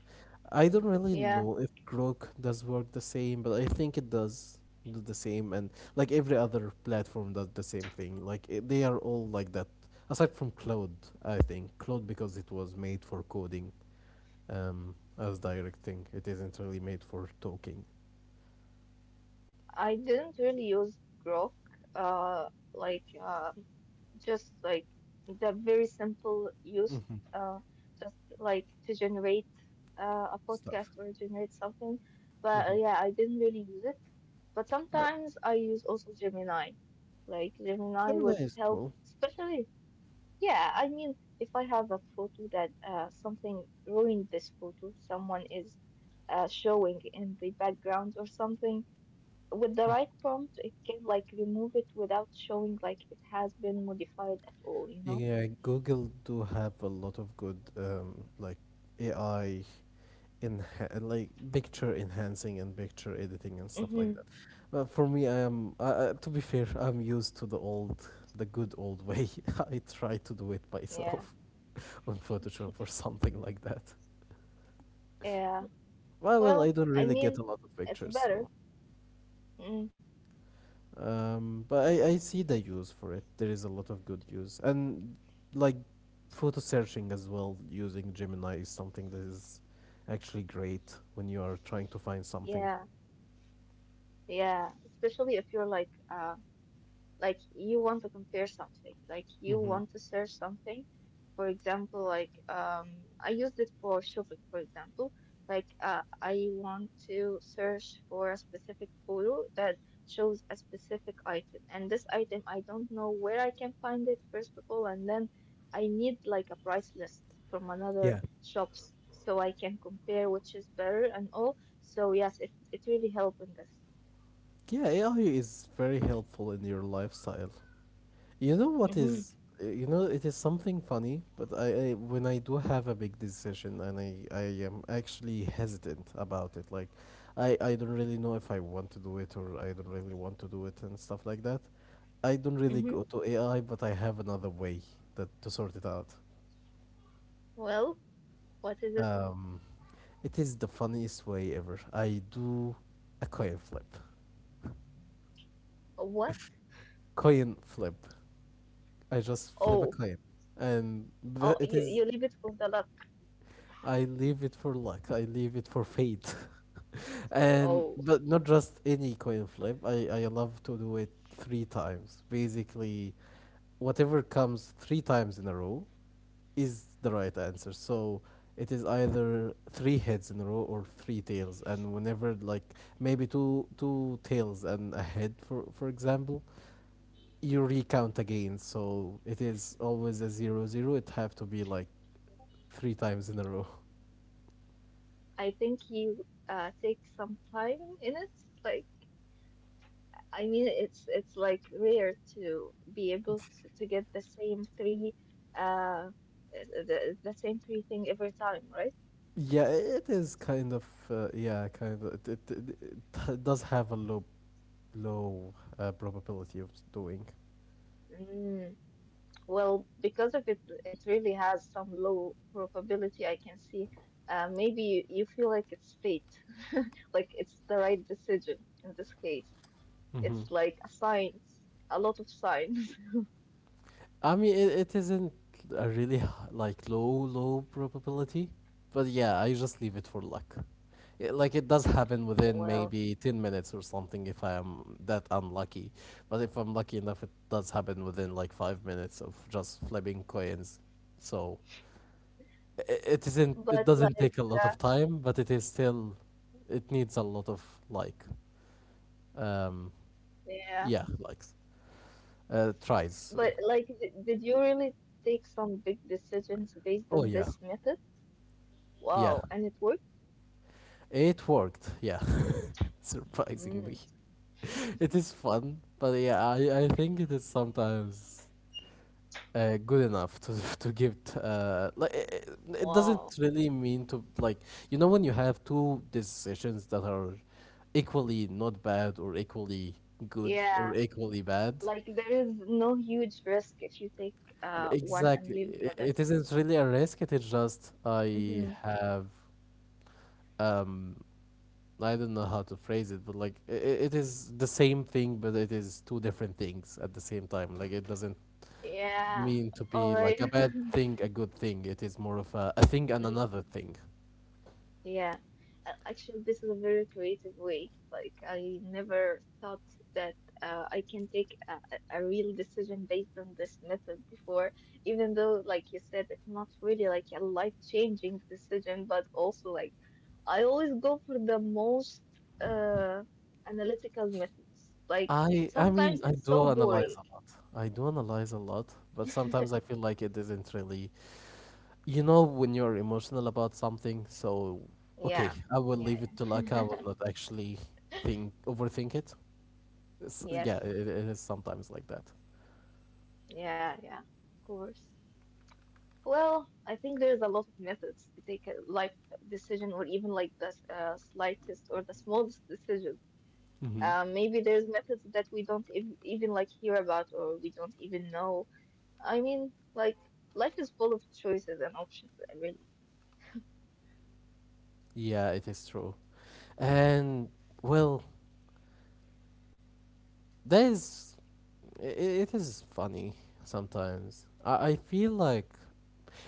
[SPEAKER 1] I don't really
[SPEAKER 2] yeah.
[SPEAKER 1] know if Grok does work the same, but I think it does do the same, and like every other platform does the same thing. Like it, they are all like that, aside from Claude. I think Claude, because it was made for coding, um, as directing. It isn't really made for talking
[SPEAKER 2] I didn't really use Grok, uh, like uh, just like the very simple use, uh, just like to generate uh, a
[SPEAKER 1] stuff.
[SPEAKER 2] podcast or generate something, but uh,
[SPEAKER 1] Mhm.
[SPEAKER 2] yeah, I didn't really use it, but
[SPEAKER 1] No,
[SPEAKER 2] sometimes I use also Gemini. Like Gemini
[SPEAKER 1] Gemini
[SPEAKER 2] would
[SPEAKER 1] is
[SPEAKER 2] help,
[SPEAKER 1] cool.
[SPEAKER 2] especially, yeah, I mean if I have a photo that uh, something ruined this photo, someone is uh, showing in the background or something, with the right prompt, it can like remove it without showing like it has been modified at all, you know?
[SPEAKER 1] Yeah, Google do have a lot of good um, like A I in like picture enhancing and picture editing and stuff
[SPEAKER 2] Hmm.
[SPEAKER 1] like that. But for me, I am I, I, to be fair, I'm used to the old, the good old way. I try to do it
[SPEAKER 2] Yeah.
[SPEAKER 1] myself on Photoshop or something like that.
[SPEAKER 2] Yeah.
[SPEAKER 1] Well, well,
[SPEAKER 2] Well,
[SPEAKER 1] I don't
[SPEAKER 2] I
[SPEAKER 1] really get
[SPEAKER 2] mean,
[SPEAKER 1] a lot of
[SPEAKER 2] it's
[SPEAKER 1] pictures,
[SPEAKER 2] better.
[SPEAKER 1] so
[SPEAKER 2] Mm.
[SPEAKER 1] Um, but I, I see the use for it. There is a lot of good use. And like photo searching as well using Gemini is something that is actually great when you are trying to find something.
[SPEAKER 2] Yeah. Yeah. Especially if you're like uh, like you want to compare something, like you
[SPEAKER 1] Hmm.
[SPEAKER 2] want to search something, for example, like um I used it for shopping, for example, like uh, I want to search for a specific photo that shows a specific item, and this item I don't know where I can find it first of all, and then I need like a price list from another
[SPEAKER 1] Yeah.
[SPEAKER 2] shops so I can compare which is better and all. So yes, it, it really helped in this.
[SPEAKER 1] Yeah, A I is very helpful in your lifestyle. You know what
[SPEAKER 2] Mm-hmm.
[SPEAKER 1] is you know, it is something funny, but I, I when I do have a big decision and I I am actually hesitant about it. Like I I don't really know if I want to do it or I don't really want to do it and stuff like that. I don't really
[SPEAKER 2] Mm-hmm.
[SPEAKER 1] go to A I, but I have another way that to sort it out.
[SPEAKER 2] Well, what is it?
[SPEAKER 1] Um, it is the funniest way ever. I do a coin flip.
[SPEAKER 2] Oh, what?
[SPEAKER 1] Coin flip. I just flip a
[SPEAKER 2] Oh,
[SPEAKER 1] coin, and
[SPEAKER 2] oh,
[SPEAKER 1] the- it
[SPEAKER 2] you
[SPEAKER 1] is,
[SPEAKER 2] you leave it for the luck.
[SPEAKER 1] I leave it for luck. I leave it for fate. And
[SPEAKER 2] Oh,
[SPEAKER 1] but not just any coin flip. I I love to do it three times. Basically, whatever comes three times in a row is the right answer. So it is either three heads in a row or three tails. And whenever, like maybe two two tails and a head for for example, you recount again. So it is always a zero zero. It have to be like three times in a row.
[SPEAKER 2] I think you uh take some time in it. Like, I mean, it's it's like rare to be able to, to get the same three, uh, the the same three thing every time, right?
[SPEAKER 1] Yeah, it is kind of uh, yeah, kind of, it, it, it, it does have a low low uh, probability of doing.
[SPEAKER 2] Mm, well, because of it, it really has some low probability, I can see. Uh, maybe you, you feel like it's fate, like it's the right decision in this case.
[SPEAKER 1] Hmm.
[SPEAKER 2] It's like a science, a lot of science.
[SPEAKER 1] I mean, it, it isn't a really h- like low low probability, but yeah, I just leave it for luck. Yeah, like it does happen within
[SPEAKER 2] Well,
[SPEAKER 1] maybe ten minutes or something if I'm that unlucky. But if I'm lucky enough, it does happen within like five minutes of just flipping coins. So its not it isn't it
[SPEAKER 2] but
[SPEAKER 1] doesn't
[SPEAKER 2] like,
[SPEAKER 1] take a lot
[SPEAKER 2] uh,
[SPEAKER 1] of time, but it is still it needs a lot of like um
[SPEAKER 2] yeah,
[SPEAKER 1] yeah, likes. Uh tries, sorry.
[SPEAKER 2] but like, d- did you really take some big decisions based
[SPEAKER 1] Oh
[SPEAKER 2] on
[SPEAKER 1] yeah.
[SPEAKER 2] this method?
[SPEAKER 1] Yeah.
[SPEAKER 2] Wow, and it worked?
[SPEAKER 1] It worked. Yeah, surprisingly.
[SPEAKER 2] Mm,
[SPEAKER 1] It is fun, but yeah, I I think it is sometimes uh, good enough to to give t- uh like it, it doesn't
[SPEAKER 2] wow.
[SPEAKER 1] really mean to, like you know, when you have two decisions that are equally not bad, or equally good, or
[SPEAKER 2] Yeah,
[SPEAKER 1] equally bad.
[SPEAKER 2] like there is no huge risk if you take uh one and
[SPEAKER 1] Exactly.
[SPEAKER 2] leave the
[SPEAKER 1] I-
[SPEAKER 2] other.
[SPEAKER 1] It isn't really a risk. It is just I
[SPEAKER 2] Hmm.
[SPEAKER 1] have um I don't know how to phrase it, but like i i- it is the same thing, but it is two different things at the same time. Like it doesn't
[SPEAKER 2] Yeah,
[SPEAKER 1] mean to
[SPEAKER 2] all
[SPEAKER 1] be
[SPEAKER 2] right.
[SPEAKER 1] like a bad thing, a good thing. It is more of a, a thing and another thing.
[SPEAKER 2] Yeah, Uh, actually, this is a very creative way. Like, I never thought that uh, I can take a, a a real decision based on this method before, even though, like you said, it's not really like a life-changing decision, but also like I always go for the most uh, analytical methods. Like,
[SPEAKER 1] I I mean
[SPEAKER 2] sometimes
[SPEAKER 1] I
[SPEAKER 2] it's so
[SPEAKER 1] do analyze
[SPEAKER 2] boring.
[SPEAKER 1] a lot. I do analyze a lot, but sometimes I feel like it isn't really, you know, when you're emotional about something, so okay,
[SPEAKER 2] Yeah,
[SPEAKER 1] I will leave
[SPEAKER 2] yeah,
[SPEAKER 1] it to luck. I
[SPEAKER 2] yeah.
[SPEAKER 1] will not actually think overthink it. It's, yeah,
[SPEAKER 2] Yes,
[SPEAKER 1] it, it is sometimes like that.
[SPEAKER 2] yeah, yeah, of course. Well, I think there's a lot of methods to take a life decision or even like the uh, slightest or the smallest decisions.
[SPEAKER 1] Mm-hmm.
[SPEAKER 2] Um, maybe there's methods that we don't ev even like hear about or we don't even know. I mean, like life is full of choices and options, uh, really.
[SPEAKER 1] Yeah, it is true. And well, that is i- i- it is funny sometimes. I, I feel like,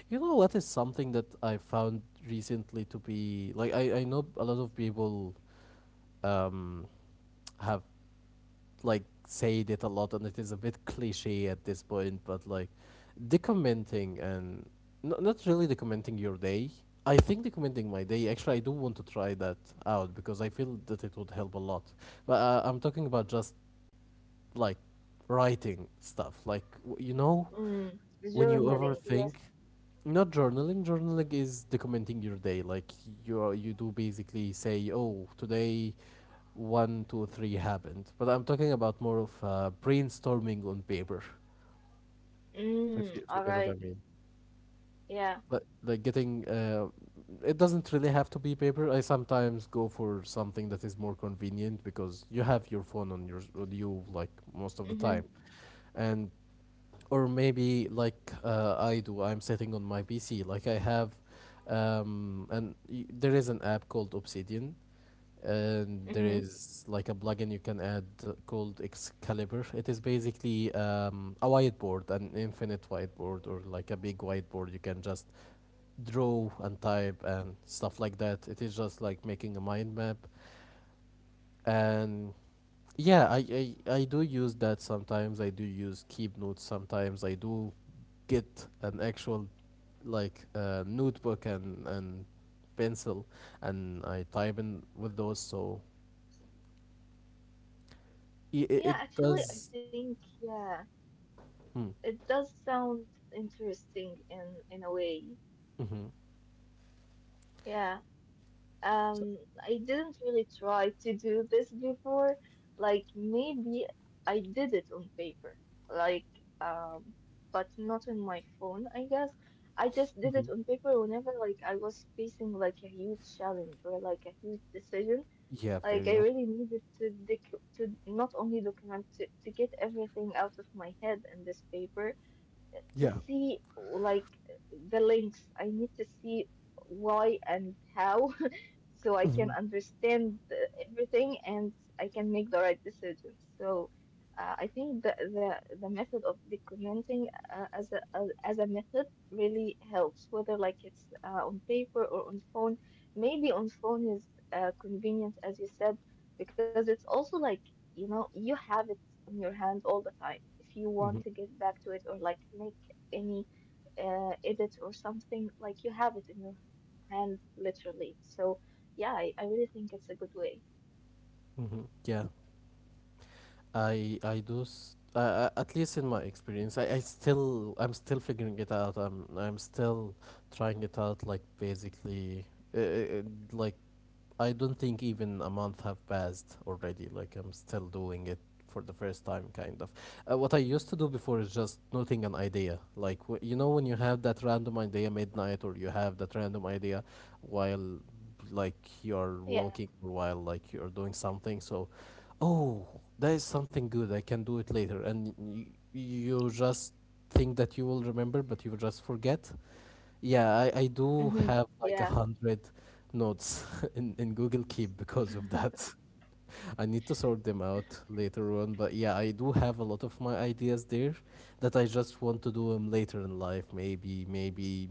[SPEAKER 1] you know what is something that I found recently to be like, I, I know a lot of people um have like said it a lot and it is a bit cliche at this point, but like documenting and n- not really documenting your day. I think documenting my day, actually, I do want to try that out because I feel that it would help a lot. But uh, I'm talking about just like writing stuff, like w- you know,
[SPEAKER 2] Mm,
[SPEAKER 1] when you
[SPEAKER 2] journaling, yes.
[SPEAKER 1] overthink, not journaling. Journaling is documenting your day, like you are, you do basically say, oh, today one, two, three happened. But I'm talking about more of uh, brainstorming on paper, if you,
[SPEAKER 2] Mm,
[SPEAKER 1] if you
[SPEAKER 2] all
[SPEAKER 1] get what I
[SPEAKER 2] right.
[SPEAKER 1] mean.
[SPEAKER 2] Yeah.
[SPEAKER 1] But like getting, uh, it doesn't really have to be paper. I sometimes go for something that is more convenient because you have your phone on your on you like most of the time,
[SPEAKER 2] Mm-hmm.
[SPEAKER 1] and or maybe like, uh, I do, I'm sitting on my P C. Like I have, um, and y- there is an app called Obsidian, and there
[SPEAKER 2] Mm-hmm.
[SPEAKER 1] is like a plugin you can add, uh, called Excalibur. It is basically, um, a whiteboard, an infinite whiteboard, or like a big whiteboard. You can just draw and type and stuff like that. It is just like making a mind map. And yeah, I, I, I do use that sometimes. I do use Keep Notes sometimes. I do get an actual like uh, notebook and, and pencil, and I type in with those. So i- it
[SPEAKER 2] Yeah, actually,
[SPEAKER 1] does
[SPEAKER 2] I think, yeah,
[SPEAKER 1] Mm.
[SPEAKER 2] it does sound interesting in in a way.
[SPEAKER 1] Mm-hmm.
[SPEAKER 2] Yeah.
[SPEAKER 1] So,
[SPEAKER 2] Um, I didn't really try to do this before. Like maybe I did it on paper, like um, but not on my phone, I guess. I just did
[SPEAKER 1] Mm-hmm.
[SPEAKER 2] it on paper whenever like I was facing like a huge challenge or like a huge decision.
[SPEAKER 1] Yeah,
[SPEAKER 2] Like I
[SPEAKER 1] video.
[SPEAKER 2] really needed to dec to not only document to, to get everything out of my head in this paper, to
[SPEAKER 1] Yeah.
[SPEAKER 2] see like the links. I need to see why and how so I
[SPEAKER 1] Mm-hmm.
[SPEAKER 2] can understand uh, everything and I can make the right decisions. So uh, I think the, the the method of documenting uh, as a as, as a method really helps, whether like it's uh, on paper or on phone. Maybe on phone is uh, convenient, as you said, because it's also like you know you have it in your hand all the time if you
[SPEAKER 1] Mm-hmm.
[SPEAKER 2] want to get back to it or like make any uh, edit or something, like you have it in your hand literally. So yeah, I, I really think it's a good way.
[SPEAKER 1] Mm-hmm. Yeah. I I do s- uh, at least in my experience, I, I still I'm still figuring it out. I'm I'm still trying it out. Like basically, uh, uh, like I don't think even a month have passed already. Like I'm still doing it for the first time, kind of. Uh, what I used to do before is just noting an idea. Like w- you know when you have that random idea midnight, or you have that random idea while like you're
[SPEAKER 2] Yeah.
[SPEAKER 1] walking or while like you're doing something. So, oh, that is something good. I can do it later, and y- you just think that you will remember, but you will just forget. Yeah, I, I do
[SPEAKER 2] Mm-hmm.
[SPEAKER 1] have like a
[SPEAKER 2] Yeah.
[SPEAKER 1] hundred notes in, in Google Keep because of that. I need to sort them out later on, but yeah, I do have a lot of my ideas there that I just want to do them later in life, maybe maybe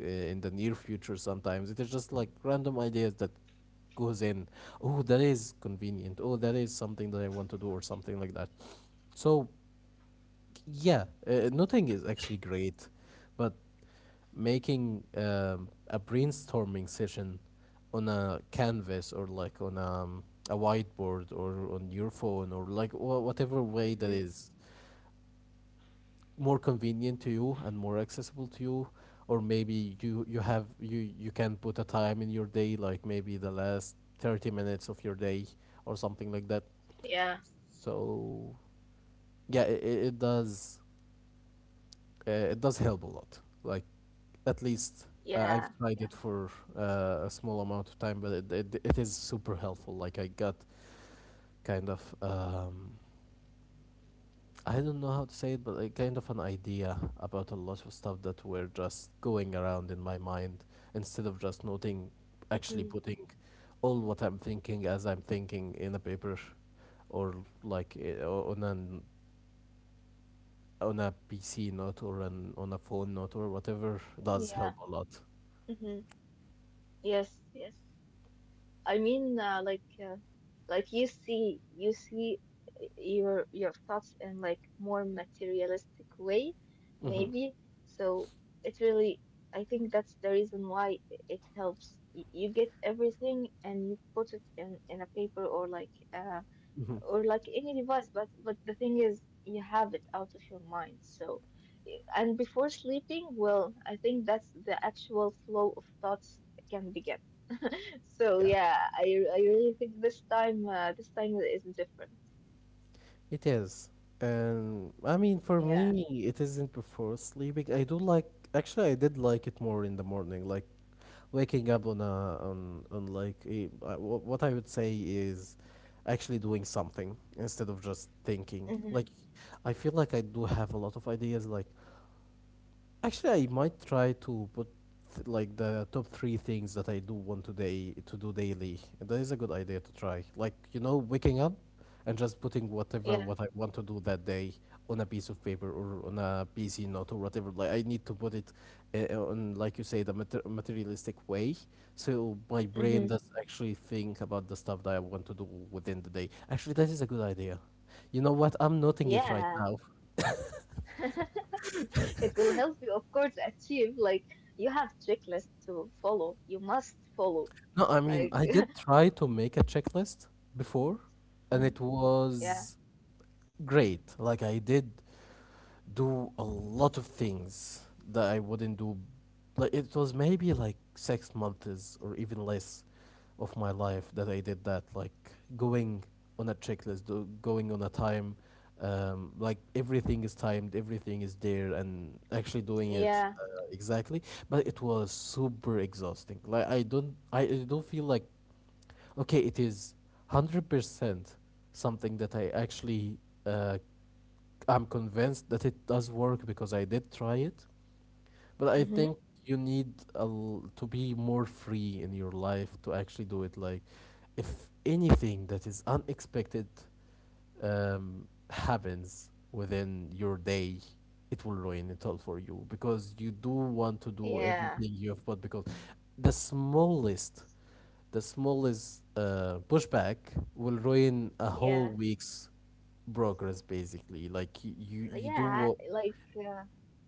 [SPEAKER 1] uh, in the near future sometimes. It is just like random ideas that goes in. Oh, that is convenient. Oh, that is something that I want to do or something like that. So, yeah, uh, nothing is actually great, but making um, a brainstorming session on a canvas or like on um, a whiteboard or on your phone or like wha whatever way that
[SPEAKER 2] Mm-hmm.
[SPEAKER 1] is more convenient to you and more accessible to you or maybe you you have you you can put a time in your day like maybe the last thirty minutes of your day or something like that,
[SPEAKER 2] Yeah.
[SPEAKER 1] so yeah, it, it does uh, it does help a lot. Like at least uh,
[SPEAKER 2] Yeah.
[SPEAKER 1] I've tried
[SPEAKER 2] Yeah.
[SPEAKER 1] it for uh, a small amount of time, but it, it it is super helpful. Like I got kind of um, I don't know how to say it, but like kind of an idea about a lot of stuff that were just going around in my mind instead of just noting, actually
[SPEAKER 2] Mm-hmm.
[SPEAKER 1] putting all what I'm thinking as I'm thinking in a paper or like uh, o- on an on a P C note or an on a phone note or whatever does
[SPEAKER 2] Yeah.
[SPEAKER 1] help a lot.
[SPEAKER 2] Mm-hmm. Yes. Yes. I mean, uh, like, uh, like you see, you see your your thoughts in like more materialistic way,
[SPEAKER 1] Hmm.
[SPEAKER 2] maybe. So it really, I think that's the reason why it helps. Y- You get everything and you put it in in a paper or like uh
[SPEAKER 1] Hmm.
[SPEAKER 2] or like any device. But but the thing is, you have it out of your mind. So y- and before sleeping, well, I think that's the actual flow of thoughts can begin. So
[SPEAKER 1] Yeah.
[SPEAKER 2] yeah, I I really think this time uh, this time is different.
[SPEAKER 1] It is. Um, I mean, for
[SPEAKER 2] Yeah.
[SPEAKER 1] me, it isn't before sleeping. I do like, actually, I did like it more in the morning, like waking up on a on on like a, uh, wh- what I would say is actually doing something instead of just thinking. Like,
[SPEAKER 2] Hmm.
[SPEAKER 1] I feel like I do have a lot of ideas. Like, actually, I might try to put th- like the top three things that I do want today to do daily. That is a good idea to try. Like you know, waking up and just putting whatever
[SPEAKER 2] Yeah.
[SPEAKER 1] what I want to do that day on a piece of paper or on a P C note or whatever. Like I need to put it uh, on, like you say, the mater- materialistic way, so my
[SPEAKER 2] Hmm.
[SPEAKER 1] brain does actually think about the stuff that I want to do within the day. Actually, that is a good idea. You know what? I'm noting it right
[SPEAKER 2] Yeah.
[SPEAKER 1] now.
[SPEAKER 2] It will help you, of course, achieve like you have checklist to follow. You must follow.
[SPEAKER 1] No, I mean,
[SPEAKER 2] Like,
[SPEAKER 1] I did try to make a checklist before, and
[SPEAKER 2] mm,
[SPEAKER 1] it
[SPEAKER 2] yeah.
[SPEAKER 1] was great. Like I did do a lot of things that I wouldn't do. Like it was maybe like six months or even less of my life that I did that. Like going on a checklist, do, going on a time. Um, like everything is timed, everything is there, and actually doing it
[SPEAKER 2] Yeah.
[SPEAKER 1] uh, exactly. But it was super exhausting. Like I don't, I, I don't feel like okay, it is hundred percent something that I actually uh, I'm convinced that it does work because I did try it. But I
[SPEAKER 2] Hmm.
[SPEAKER 1] think you need a l- to be more free in your life to actually do it. Like, if anything that is unexpected um, happens within your day, it will ruin it all for you because you do want to do
[SPEAKER 2] Yeah.
[SPEAKER 1] everything you have put because the smallest, the smallest uh, pushback will ruin a whole
[SPEAKER 2] Yeah.
[SPEAKER 1] week's progress basically. Like y- you, you do
[SPEAKER 2] Yeah.
[SPEAKER 1] what.
[SPEAKER 2] Like uh,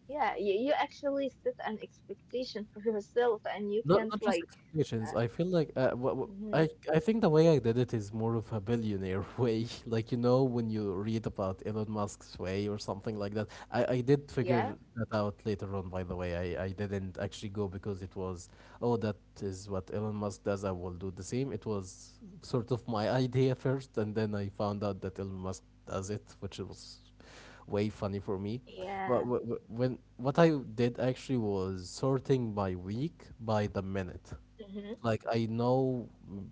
[SPEAKER 2] yeah, you, you actually set an expectation for yourself, and you
[SPEAKER 1] Not not
[SPEAKER 2] can't
[SPEAKER 1] just
[SPEAKER 2] like
[SPEAKER 1] expectations.
[SPEAKER 2] uh,
[SPEAKER 1] I feel like uh, wha- wha- I
[SPEAKER 2] mhm.
[SPEAKER 1] I think the way I did it is more of a billionaire way. Like you know when you read about Elon Musk's way or something like that. I I did figure
[SPEAKER 2] Yeah.
[SPEAKER 1] that out later on. By the way, I I didn't actually go because it was oh that is what Elon Musk does. I will do the same. It was sort of my idea first, and then I found out that Elon Musk does it, which was way funny for me. But
[SPEAKER 2] Yeah.
[SPEAKER 1] wh- wh- when what I did actually was sorting by week by the minute.
[SPEAKER 2] Mm-hmm.
[SPEAKER 1] Like I know mm,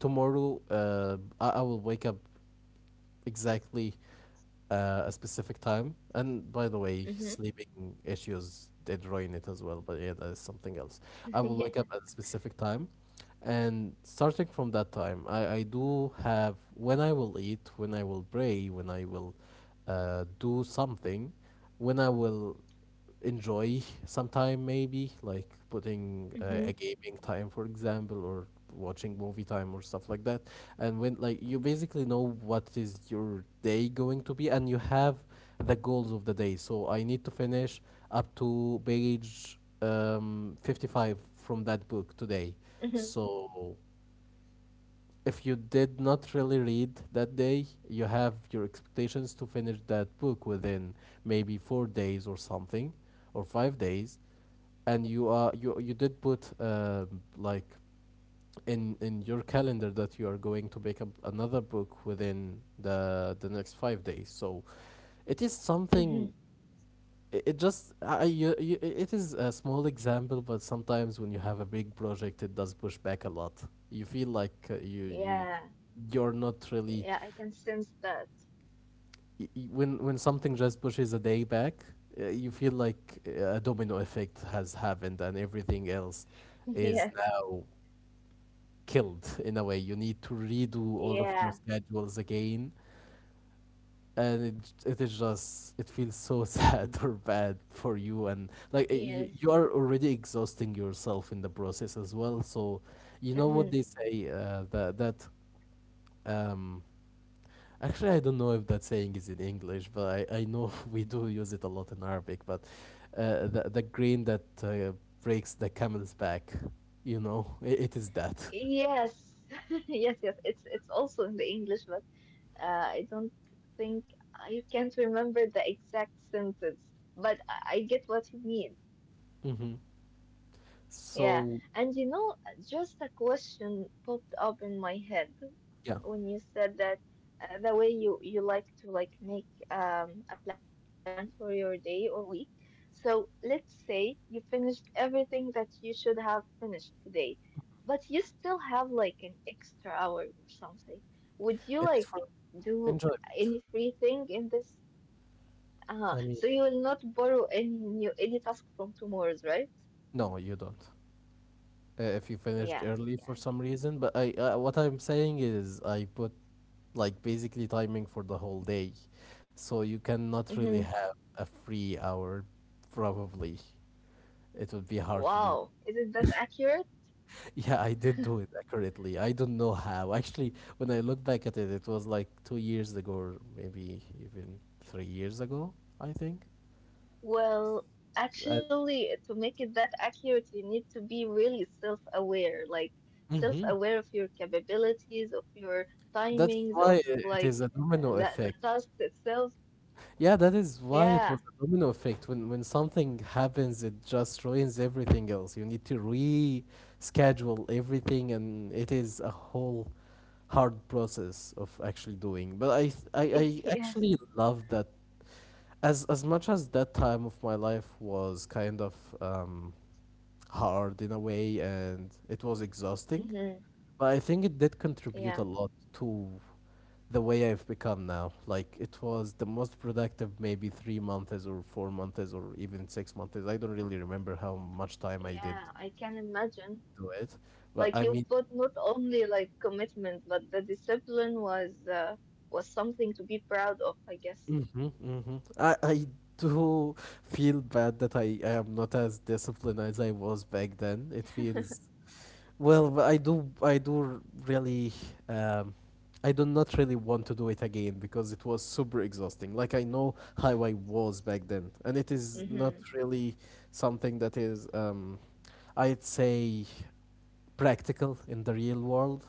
[SPEAKER 1] tomorrow, uh, I, I will wake up exactly uh, a specific time. And by the way, sleeping issues did ruin it as well, but yeah, that is something else. I will wake
[SPEAKER 2] Yeah.
[SPEAKER 1] up at a specific time, and starting from that time, I, I do have when I will eat, when I will pray, when I will uh, do something, when I will enjoy sometime maybe like putting uh, a
[SPEAKER 2] Hmm.
[SPEAKER 1] gaming time for example or watching movie time or stuff like that, and when like you basically know what is your day going to be and you have the goals of the day. So I need to finish up to page um, fifty-five from that book today,
[SPEAKER 2] Hmm.
[SPEAKER 1] so if you did not really read that day, you have your expectations to finish that book within maybe four days or something, or five days, and you are you you did put uh, like in in your calendar that you are going to pick up another book within the the next five days. So it is
[SPEAKER 2] Hmm.
[SPEAKER 1] something, it it just I, you, you, it is a small example, but sometimes when you have a big project it does push back a lot. You feel like uh, you you
[SPEAKER 2] Yeah.
[SPEAKER 1] you're not really
[SPEAKER 2] Yeah, I can sense that.
[SPEAKER 1] y- y- when when something just pushes a day back, uh, you feel like uh, a domino effect has happened and everything else is
[SPEAKER 2] Yes.
[SPEAKER 1] now killed in a way. You need to redo all of your
[SPEAKER 2] Yeah.
[SPEAKER 1] schedules again, and it it is just it feels so sad or bad for you, and like uh, you,
[SPEAKER 2] Yes.
[SPEAKER 1] you are already exhausting yourself in the process as well. So you know
[SPEAKER 2] Hmm.
[SPEAKER 1] what they say uh, that that um actually I don't know if that saying is in English, but I i know we do use it a lot in Arabic, but uh, the the grain that uh, breaks the camel's back, you know, it, it is that.
[SPEAKER 2] Yes. Yes, yes. It's it's also in the English, but uh, I don't think I can't remember the exact sentence, but I, I get what you mean.
[SPEAKER 1] Hmm.
[SPEAKER 2] Yeah,
[SPEAKER 1] So
[SPEAKER 2] and you know, just a question popped up in my head
[SPEAKER 1] yeah,
[SPEAKER 2] when you said that uh, the way you you like to like make um a plan for your day or week. So let's say you finished everything that you should have finished today, but you still have like an extra hour or something. Would you
[SPEAKER 1] it is
[SPEAKER 2] like
[SPEAKER 1] for
[SPEAKER 2] do
[SPEAKER 1] enjoyment.
[SPEAKER 2] any free thing in this? Uh-huh.
[SPEAKER 1] I mean,
[SPEAKER 2] So you will not borrow any new any task from tomorrow's, right?
[SPEAKER 1] no, you don't, uh, if you finished
[SPEAKER 2] Yeah,
[SPEAKER 1] early for
[SPEAKER 2] yeah.
[SPEAKER 1] some reason. But I, uh, what I'm saying is, I put like basically timing for the whole day, so you cannot really
[SPEAKER 2] Mm-hmm.
[SPEAKER 1] have a free hour. Probably it would be hard to do.
[SPEAKER 2] Wow, is it that accurate?
[SPEAKER 1] Yeah, I did do it accurately. I don't know how. Actually, when I look back at it, it was like two years ago, or maybe even three years ago. I think.
[SPEAKER 2] Well,
[SPEAKER 1] Uh,
[SPEAKER 2] actually, to make it that accurate, you need to be really self-aware, like
[SPEAKER 1] hmm.
[SPEAKER 2] self-aware of your capabilities, of your
[SPEAKER 1] That's
[SPEAKER 2] timings,
[SPEAKER 1] why
[SPEAKER 2] of
[SPEAKER 1] it
[SPEAKER 2] like
[SPEAKER 1] is a domino
[SPEAKER 2] the, the
[SPEAKER 1] effect.
[SPEAKER 2] task itself.
[SPEAKER 1] Yeah, that is why it was
[SPEAKER 2] Yeah,
[SPEAKER 1] a domino effect. When when something happens, it just ruins everything else. You need to reschedule everything, and it is a whole hard process of actually doing. But I th- I, I
[SPEAKER 2] yes.
[SPEAKER 1] actually love that. As as much as that time of my life was kind of um, hard in a way, and it was exhausting.
[SPEAKER 2] hmm
[SPEAKER 1] But I think it did contribute
[SPEAKER 2] Yeah,
[SPEAKER 1] a lot to the way I've become now. Like it was the most productive maybe three months or four months or even six months. I don't really remember how much time I did
[SPEAKER 2] yeah, I can imagine.
[SPEAKER 1] do it. But
[SPEAKER 2] Like
[SPEAKER 1] I
[SPEAKER 2] you
[SPEAKER 1] mean,
[SPEAKER 2] put not only like commitment, but the discipline was uh, was something to be proud of, I guess.
[SPEAKER 1] hmm. Hmm. I, I do feel bad that I, I am not as disciplined as I was back then. It feels, well, but I do, I do really, um, I do not really want to do it again because it was super exhausting. Like I know how I was back then, and it is not
[SPEAKER 2] Mm-hmm.
[SPEAKER 1] really something that is, um, I'd say, practical in the real world.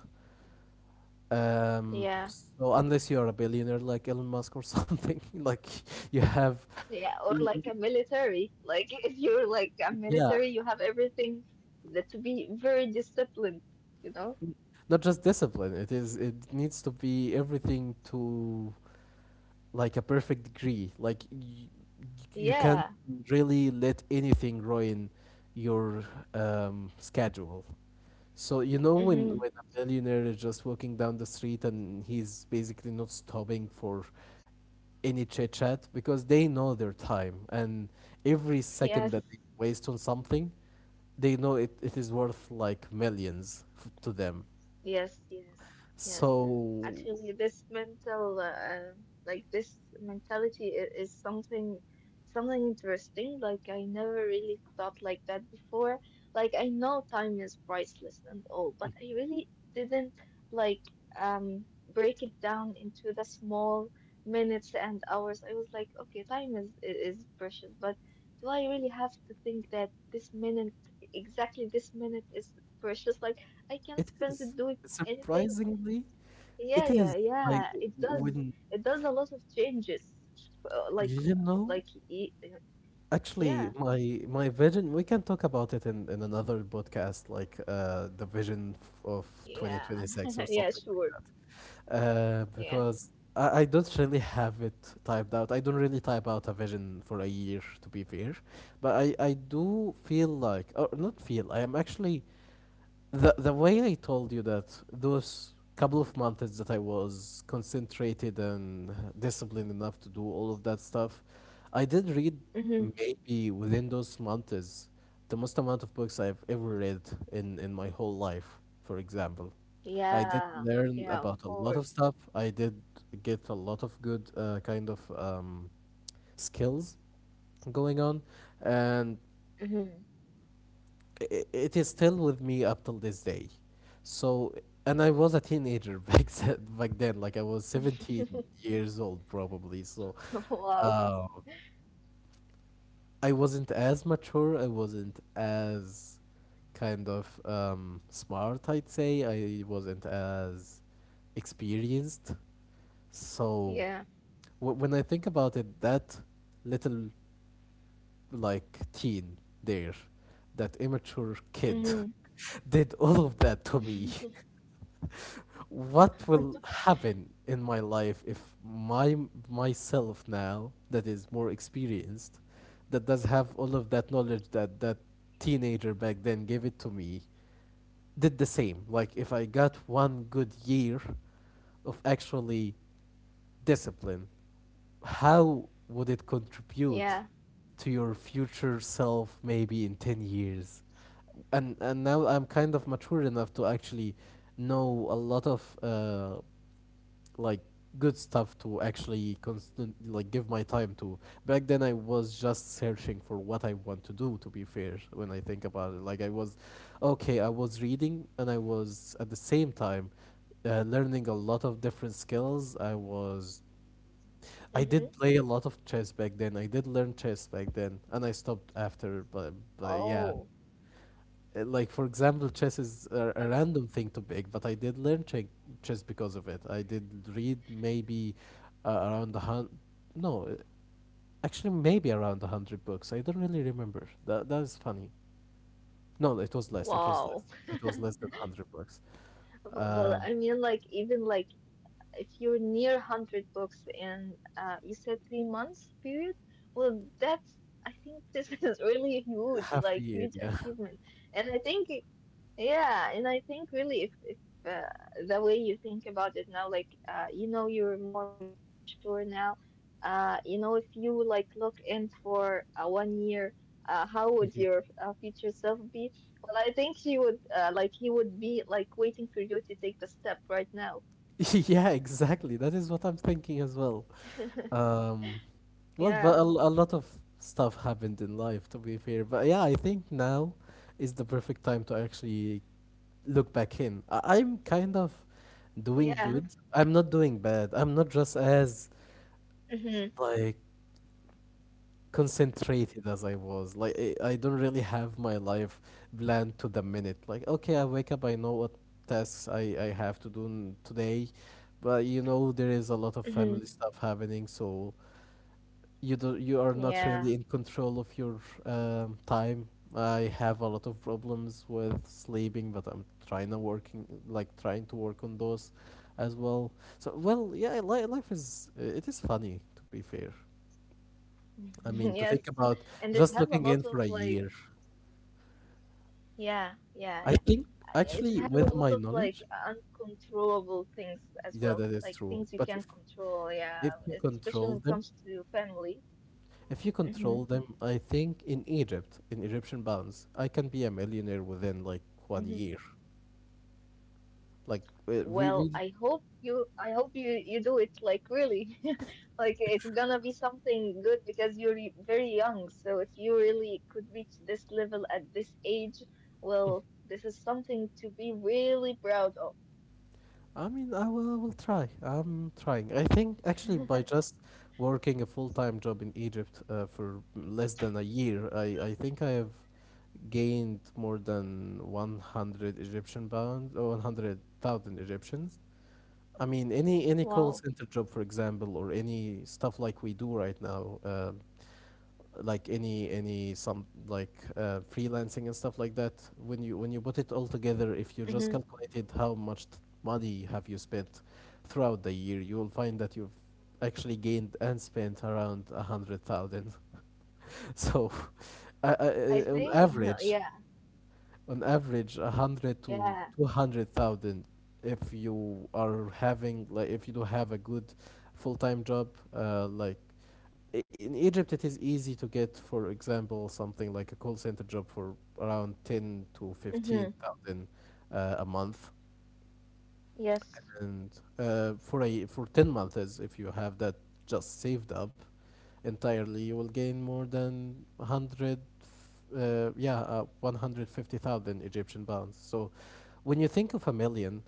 [SPEAKER 1] Um,
[SPEAKER 2] Yeah.
[SPEAKER 1] so unless you're a billionaire like Elon Musk or something, like you have,
[SPEAKER 2] Yeah, or
[SPEAKER 1] y-
[SPEAKER 2] like
[SPEAKER 1] y-
[SPEAKER 2] a military. Like if you're like a
[SPEAKER 1] yeah,
[SPEAKER 2] military, you have everything that to be very disciplined, you know?
[SPEAKER 1] not just discipline. It is, it needs to be everything to like a perfect degree. Like y- you can't
[SPEAKER 2] Yeah.
[SPEAKER 1] really let anything ruin your um, schedule. So you know when
[SPEAKER 2] Mm-hmm.
[SPEAKER 1] when a millionaire is just walking down the street and he's basically not stopping for any chit chat because they know their time, and every second that they
[SPEAKER 2] Yes.
[SPEAKER 1] waste on something, they know it, it is worth like millions f- to them.
[SPEAKER 2] Yes, yes, yes.
[SPEAKER 1] So
[SPEAKER 2] Actually, this mental, uh, like this mentality is, is something, something interesting. Like I never really thought like that before. Like I know time is priceless and all, but I really didn't like um break it down into the small minutes and hours. I was like, okay, time is i- is precious, but do I really have to think that this minute, exactly this minute, is precious? Like. I can
[SPEAKER 1] it
[SPEAKER 2] spend
[SPEAKER 1] is.
[SPEAKER 2] it doing anything.
[SPEAKER 1] Surprisingly,
[SPEAKER 2] Yeah,
[SPEAKER 1] it
[SPEAKER 2] yeah,
[SPEAKER 1] is. Like
[SPEAKER 2] yeah. It does.
[SPEAKER 1] when
[SPEAKER 2] It does a lot of changes. Uh, Like,
[SPEAKER 1] you didn't know,
[SPEAKER 2] like, y-
[SPEAKER 1] actually
[SPEAKER 2] yeah,
[SPEAKER 1] my my vision, we can talk about it in, in another podcast, like uh the vision f- of
[SPEAKER 2] yeah,
[SPEAKER 1] twenty twenty-six or
[SPEAKER 2] yeah.
[SPEAKER 1] something
[SPEAKER 2] Sure.
[SPEAKER 1] like that. Uh
[SPEAKER 2] Yeah.
[SPEAKER 1] because I, I don't really have it typed out. I don't really type out a vision for a year, to be fair. But I, I do feel like, or not feel, I am actually... the the way I told you, that those couple of months that I was concentrated and disciplined enough to do all of that stuff, I did read
[SPEAKER 2] hmm
[SPEAKER 1] maybe within those months the most amount of books I've ever read in in my whole life. For example, I did
[SPEAKER 2] Yeah.
[SPEAKER 1] learn
[SPEAKER 2] Yeah. Of
[SPEAKER 1] about a lot of
[SPEAKER 2] course.
[SPEAKER 1] stuff. I did get a lot of good uh, kind of um, skills going on, and
[SPEAKER 2] Hmm
[SPEAKER 1] i- it is still with me up till this day. So, and I was a teenager back then. Back then, like I was seventeen years old probably. So,
[SPEAKER 2] Wow.
[SPEAKER 1] uh, I wasn't as mature, I wasn't as kind of um, smart, I'd say. I wasn't as experienced. So,
[SPEAKER 2] Yeah.
[SPEAKER 1] w- when I think about it, that little like teen there, that immature kid,
[SPEAKER 2] hmm
[SPEAKER 1] did all of that to me. What will happen in my life if my myself now, that is more experienced, that does have all of that knowledge that that teenager back then gave it to me, did the same? Like if I got one good year of actually discipline, how would it
[SPEAKER 2] Yeah.
[SPEAKER 1] contribute to your future self maybe in ten years? And, and now I'm kind of mature enough to actually know a lot of uh, like good stuff to actually constant like give my time to. Back then I was just searching for what I want to do, to be fair, when I think about it. Like I was, okay, I was reading and I was at the same time uh, learning a lot of different skills. I was... I did
[SPEAKER 2] hmm
[SPEAKER 1] play a lot of chess back then. I did learn chess back then and I stopped after, but, but yeah,
[SPEAKER 2] Oh.
[SPEAKER 1] uh, like for example chess is a,
[SPEAKER 2] I,
[SPEAKER 1] a random thing to pick, but I did learn che- chess. Because of it, I did read maybe uh, around a hundred, no uh, actually maybe around a hundred books. I don't really remember that That is funny. No, it was less, it was
[SPEAKER 2] wow.
[SPEAKER 1] less, it was less than a hundred books.
[SPEAKER 2] But, but
[SPEAKER 1] um
[SPEAKER 2] I mean, like, even like if you're near a hundred books in uh, you said three months period. Well, that's, I think this, is really huge,
[SPEAKER 1] Half a
[SPEAKER 2] like
[SPEAKER 1] year,
[SPEAKER 2] huge
[SPEAKER 1] yeah.
[SPEAKER 2] achievement. And I think, yeah, and I think really, if, if uh, the way you think about it now, like uh, you know, you're more mature now. uh, you know, if you like look in for uh, one year, uh, how would your uh, future self be? Well, I think he would, uh, like he would be like waiting for you to take the step right now.
[SPEAKER 1] Yeah, exactly. That is what I'm thinking as well. Um, well, but a,
[SPEAKER 2] Yeah.
[SPEAKER 1] l- a lot of stuff happened in life, to be fair. But yeah, I think now is the perfect time to actually look back in. I- I'm kind of doing
[SPEAKER 2] Yeah.
[SPEAKER 1] good. I'm not doing bad. I'm not just as
[SPEAKER 2] hmm
[SPEAKER 1] like concentrated as I was. Like I, I don't really have my life planned to the minute. Like okay, I wake up, I know what tasks I I have to do n- today, but you know there is a lot of
[SPEAKER 2] hmm
[SPEAKER 1] family stuff happening, so you do, you are not
[SPEAKER 2] Yeah.
[SPEAKER 1] really in control of your um, time. I have a lot of problems with sleeping, but I'm trying to working, like trying to work on those as well. So well, yeah, li- life is, it is funny, to be fair. I mean, to think
[SPEAKER 2] Yes.
[SPEAKER 1] about
[SPEAKER 2] And it
[SPEAKER 1] just
[SPEAKER 2] has a
[SPEAKER 1] looking
[SPEAKER 2] lot
[SPEAKER 1] in
[SPEAKER 2] of
[SPEAKER 1] for a
[SPEAKER 2] like,
[SPEAKER 1] year.
[SPEAKER 2] yeah, yeah, yeah.
[SPEAKER 1] I think
[SPEAKER 2] Uh, yeah, it
[SPEAKER 1] actually,
[SPEAKER 2] has a
[SPEAKER 1] with
[SPEAKER 2] lot
[SPEAKER 1] my
[SPEAKER 2] of like
[SPEAKER 1] knowledge,
[SPEAKER 2] uncontrollable things as
[SPEAKER 1] yeah,
[SPEAKER 2] well,
[SPEAKER 1] that is
[SPEAKER 2] like
[SPEAKER 1] true.
[SPEAKER 2] things you
[SPEAKER 1] But if
[SPEAKER 2] can't control.
[SPEAKER 1] if
[SPEAKER 2] Yeah,
[SPEAKER 1] you
[SPEAKER 2] especially
[SPEAKER 1] control
[SPEAKER 2] when it
[SPEAKER 1] them,
[SPEAKER 2] comes to family.
[SPEAKER 1] if you
[SPEAKER 2] Mm-hmm.
[SPEAKER 1] control them, I think in Egypt, in Egyptian pounds, I can be a millionaire within like one
[SPEAKER 2] Mm-hmm.
[SPEAKER 1] year. Like we we.
[SPEAKER 2] Well, I
[SPEAKER 1] we-
[SPEAKER 2] hope you I hope you you do it, like, really. Like it's gonna be something good because you're y- very young. So if you really could reach this level at this age, well, this is something to be really proud of.
[SPEAKER 1] I mean, I will, I will try. I'm trying. I think actually by just working a full-time job in Egypt uh, for less than a year, I, I think I have gained more than one hundred Egyptian pounds, or one hundred thousand Egyptians. I mean, any any call
[SPEAKER 2] Wow.
[SPEAKER 1] center job, for example, or any stuff like we do right now, uh, like any any some like uh, freelancing and stuff like that. When you, when you put it all together, if you just
[SPEAKER 2] hmm
[SPEAKER 1] calculated how much t- money have you spent throughout the year, you will find that you've actually gained and spent around a hundred thousand. So uh, uh,
[SPEAKER 2] I
[SPEAKER 1] uh, on
[SPEAKER 2] think,
[SPEAKER 1] average,
[SPEAKER 2] yeah,
[SPEAKER 1] on average a hundred to
[SPEAKER 2] yeah,
[SPEAKER 1] two hundred thousand if you are having, like, if you do have a good full-time job. Uh, like i- in Egypt it is easy to get, for example, something like a call center job for around ten to
[SPEAKER 2] hmm
[SPEAKER 1] fifteen thousand uh, a month.
[SPEAKER 2] yes,
[SPEAKER 1] And uh, for a for ten months, if you have that just saved up entirely, you will gain more than one hundred, uh, yeah, uh, one hundred fifty thousand Egyptian pounds. So when you think of a million,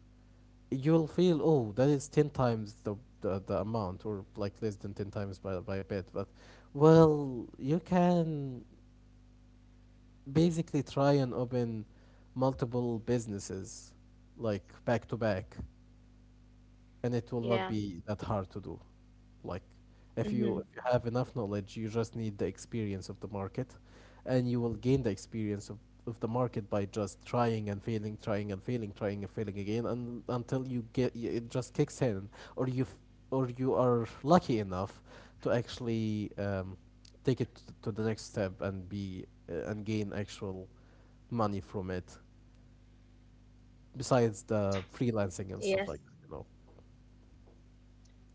[SPEAKER 1] you'll feel, oh, that is ten times the, the, the amount, or like less than ten times by, by a bit. But, well, you can basically try and open multiple businesses, like back to back, and it will not
[SPEAKER 2] yeah,
[SPEAKER 1] be that hard to do. Like, if
[SPEAKER 2] hmm
[SPEAKER 1] you, if you have enough knowledge, you just need the experience of the market, and you will gain the experience of, of the market by just trying and failing, trying and failing, trying and failing again, and until you get y- it just kicks in, or you f- or you are lucky enough to actually um, take it t- to the next step and be uh, and gain actual money from it, besides the freelancing and stuff like that,
[SPEAKER 2] yes.
[SPEAKER 1] you know.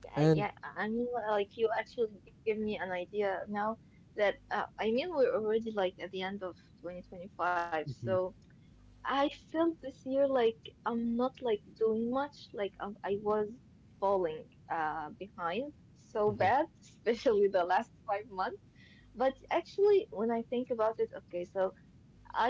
[SPEAKER 2] Yeah,
[SPEAKER 1] And
[SPEAKER 2] yeah, I mean, well, like you actually give me an idea now that uh, I mean, we're already like at the end of twenty twenty-five,
[SPEAKER 1] mhm.
[SPEAKER 2] so I felt this year like I'm not like doing much, like um, I was falling uh behind so
[SPEAKER 1] Mhm.
[SPEAKER 2] bad, especially the last five months. But actually, when I think about it, okay, so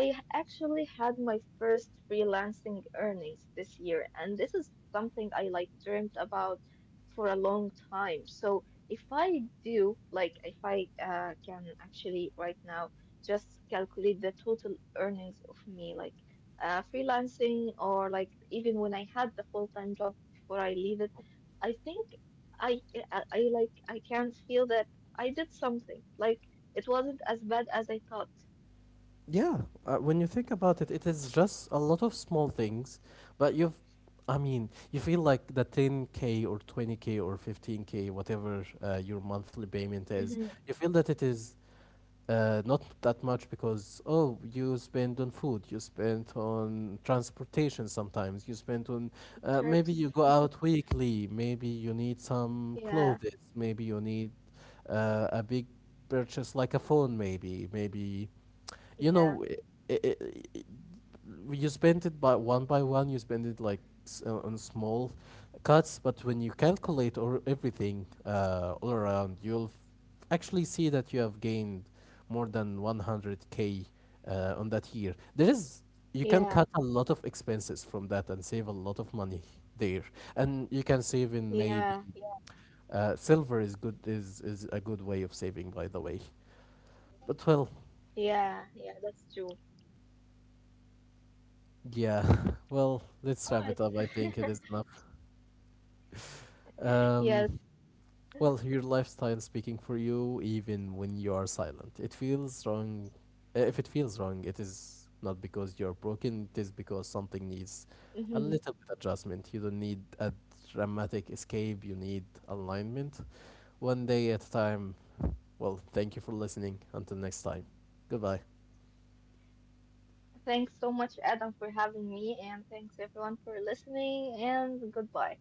[SPEAKER 2] I actually had my first freelancing earnings this year, and this is something I like dreamt about for a long time. So if I do, like, if I uh, can actually right now just calculate the total earnings of me, like uh, freelancing or like even when I had the full-time job before I leave it, I think I, I, I like I can feel that I did something. Like it wasn't as bad as I thought.
[SPEAKER 1] Yeah, uh, when you think about it, it is just a lot of small things, but you've, I mean, you feel like the ten k or twenty k or fifteen k, whatever uh, your monthly payment is, you feel that it is uh, not that much because, oh, you spend on food, you spend on transportation sometimes, you spend on, uh, maybe
[SPEAKER 2] Trips.
[SPEAKER 1] you go out weekly, maybe you need some clothes,
[SPEAKER 2] Yeah,
[SPEAKER 1] maybe you need uh, a big purchase like a phone, maybe, maybe you know,
[SPEAKER 2] yeah,
[SPEAKER 1] i i i you spend it by one by one. You spend it like s- uh, on small cuts, but when you calculate or everything uh, all around, you'll f- actually see that you have gained more than one hundred k uh, on that year. There is,
[SPEAKER 2] yeah,
[SPEAKER 1] you can cut a lot of expenses from that and save a lot of money there, and you can save in
[SPEAKER 2] yeah,
[SPEAKER 1] maybe
[SPEAKER 2] yeah,
[SPEAKER 1] uh, silver. is good is is a good way of saving, by the way. But well,
[SPEAKER 2] yeah, yeah, that's true.
[SPEAKER 1] yeah, well, let's wrap
[SPEAKER 2] Alright.
[SPEAKER 1] it up. I think it is enough.
[SPEAKER 2] Yes.
[SPEAKER 1] Um, well, your lifestyle speaking for you, even when you are silent. It feels wrong. eh, If it feels wrong, it is not because you're broken, it is because something needs a
[SPEAKER 2] hmm
[SPEAKER 1] little bit adjustment. You don't need a dramatic escape, you need alignment. One day at a time. Well, thank you for listening. Until next time. Goodbye.
[SPEAKER 2] Thanks so much, Adam, for having me, and thanks everyone for listening, and goodbye.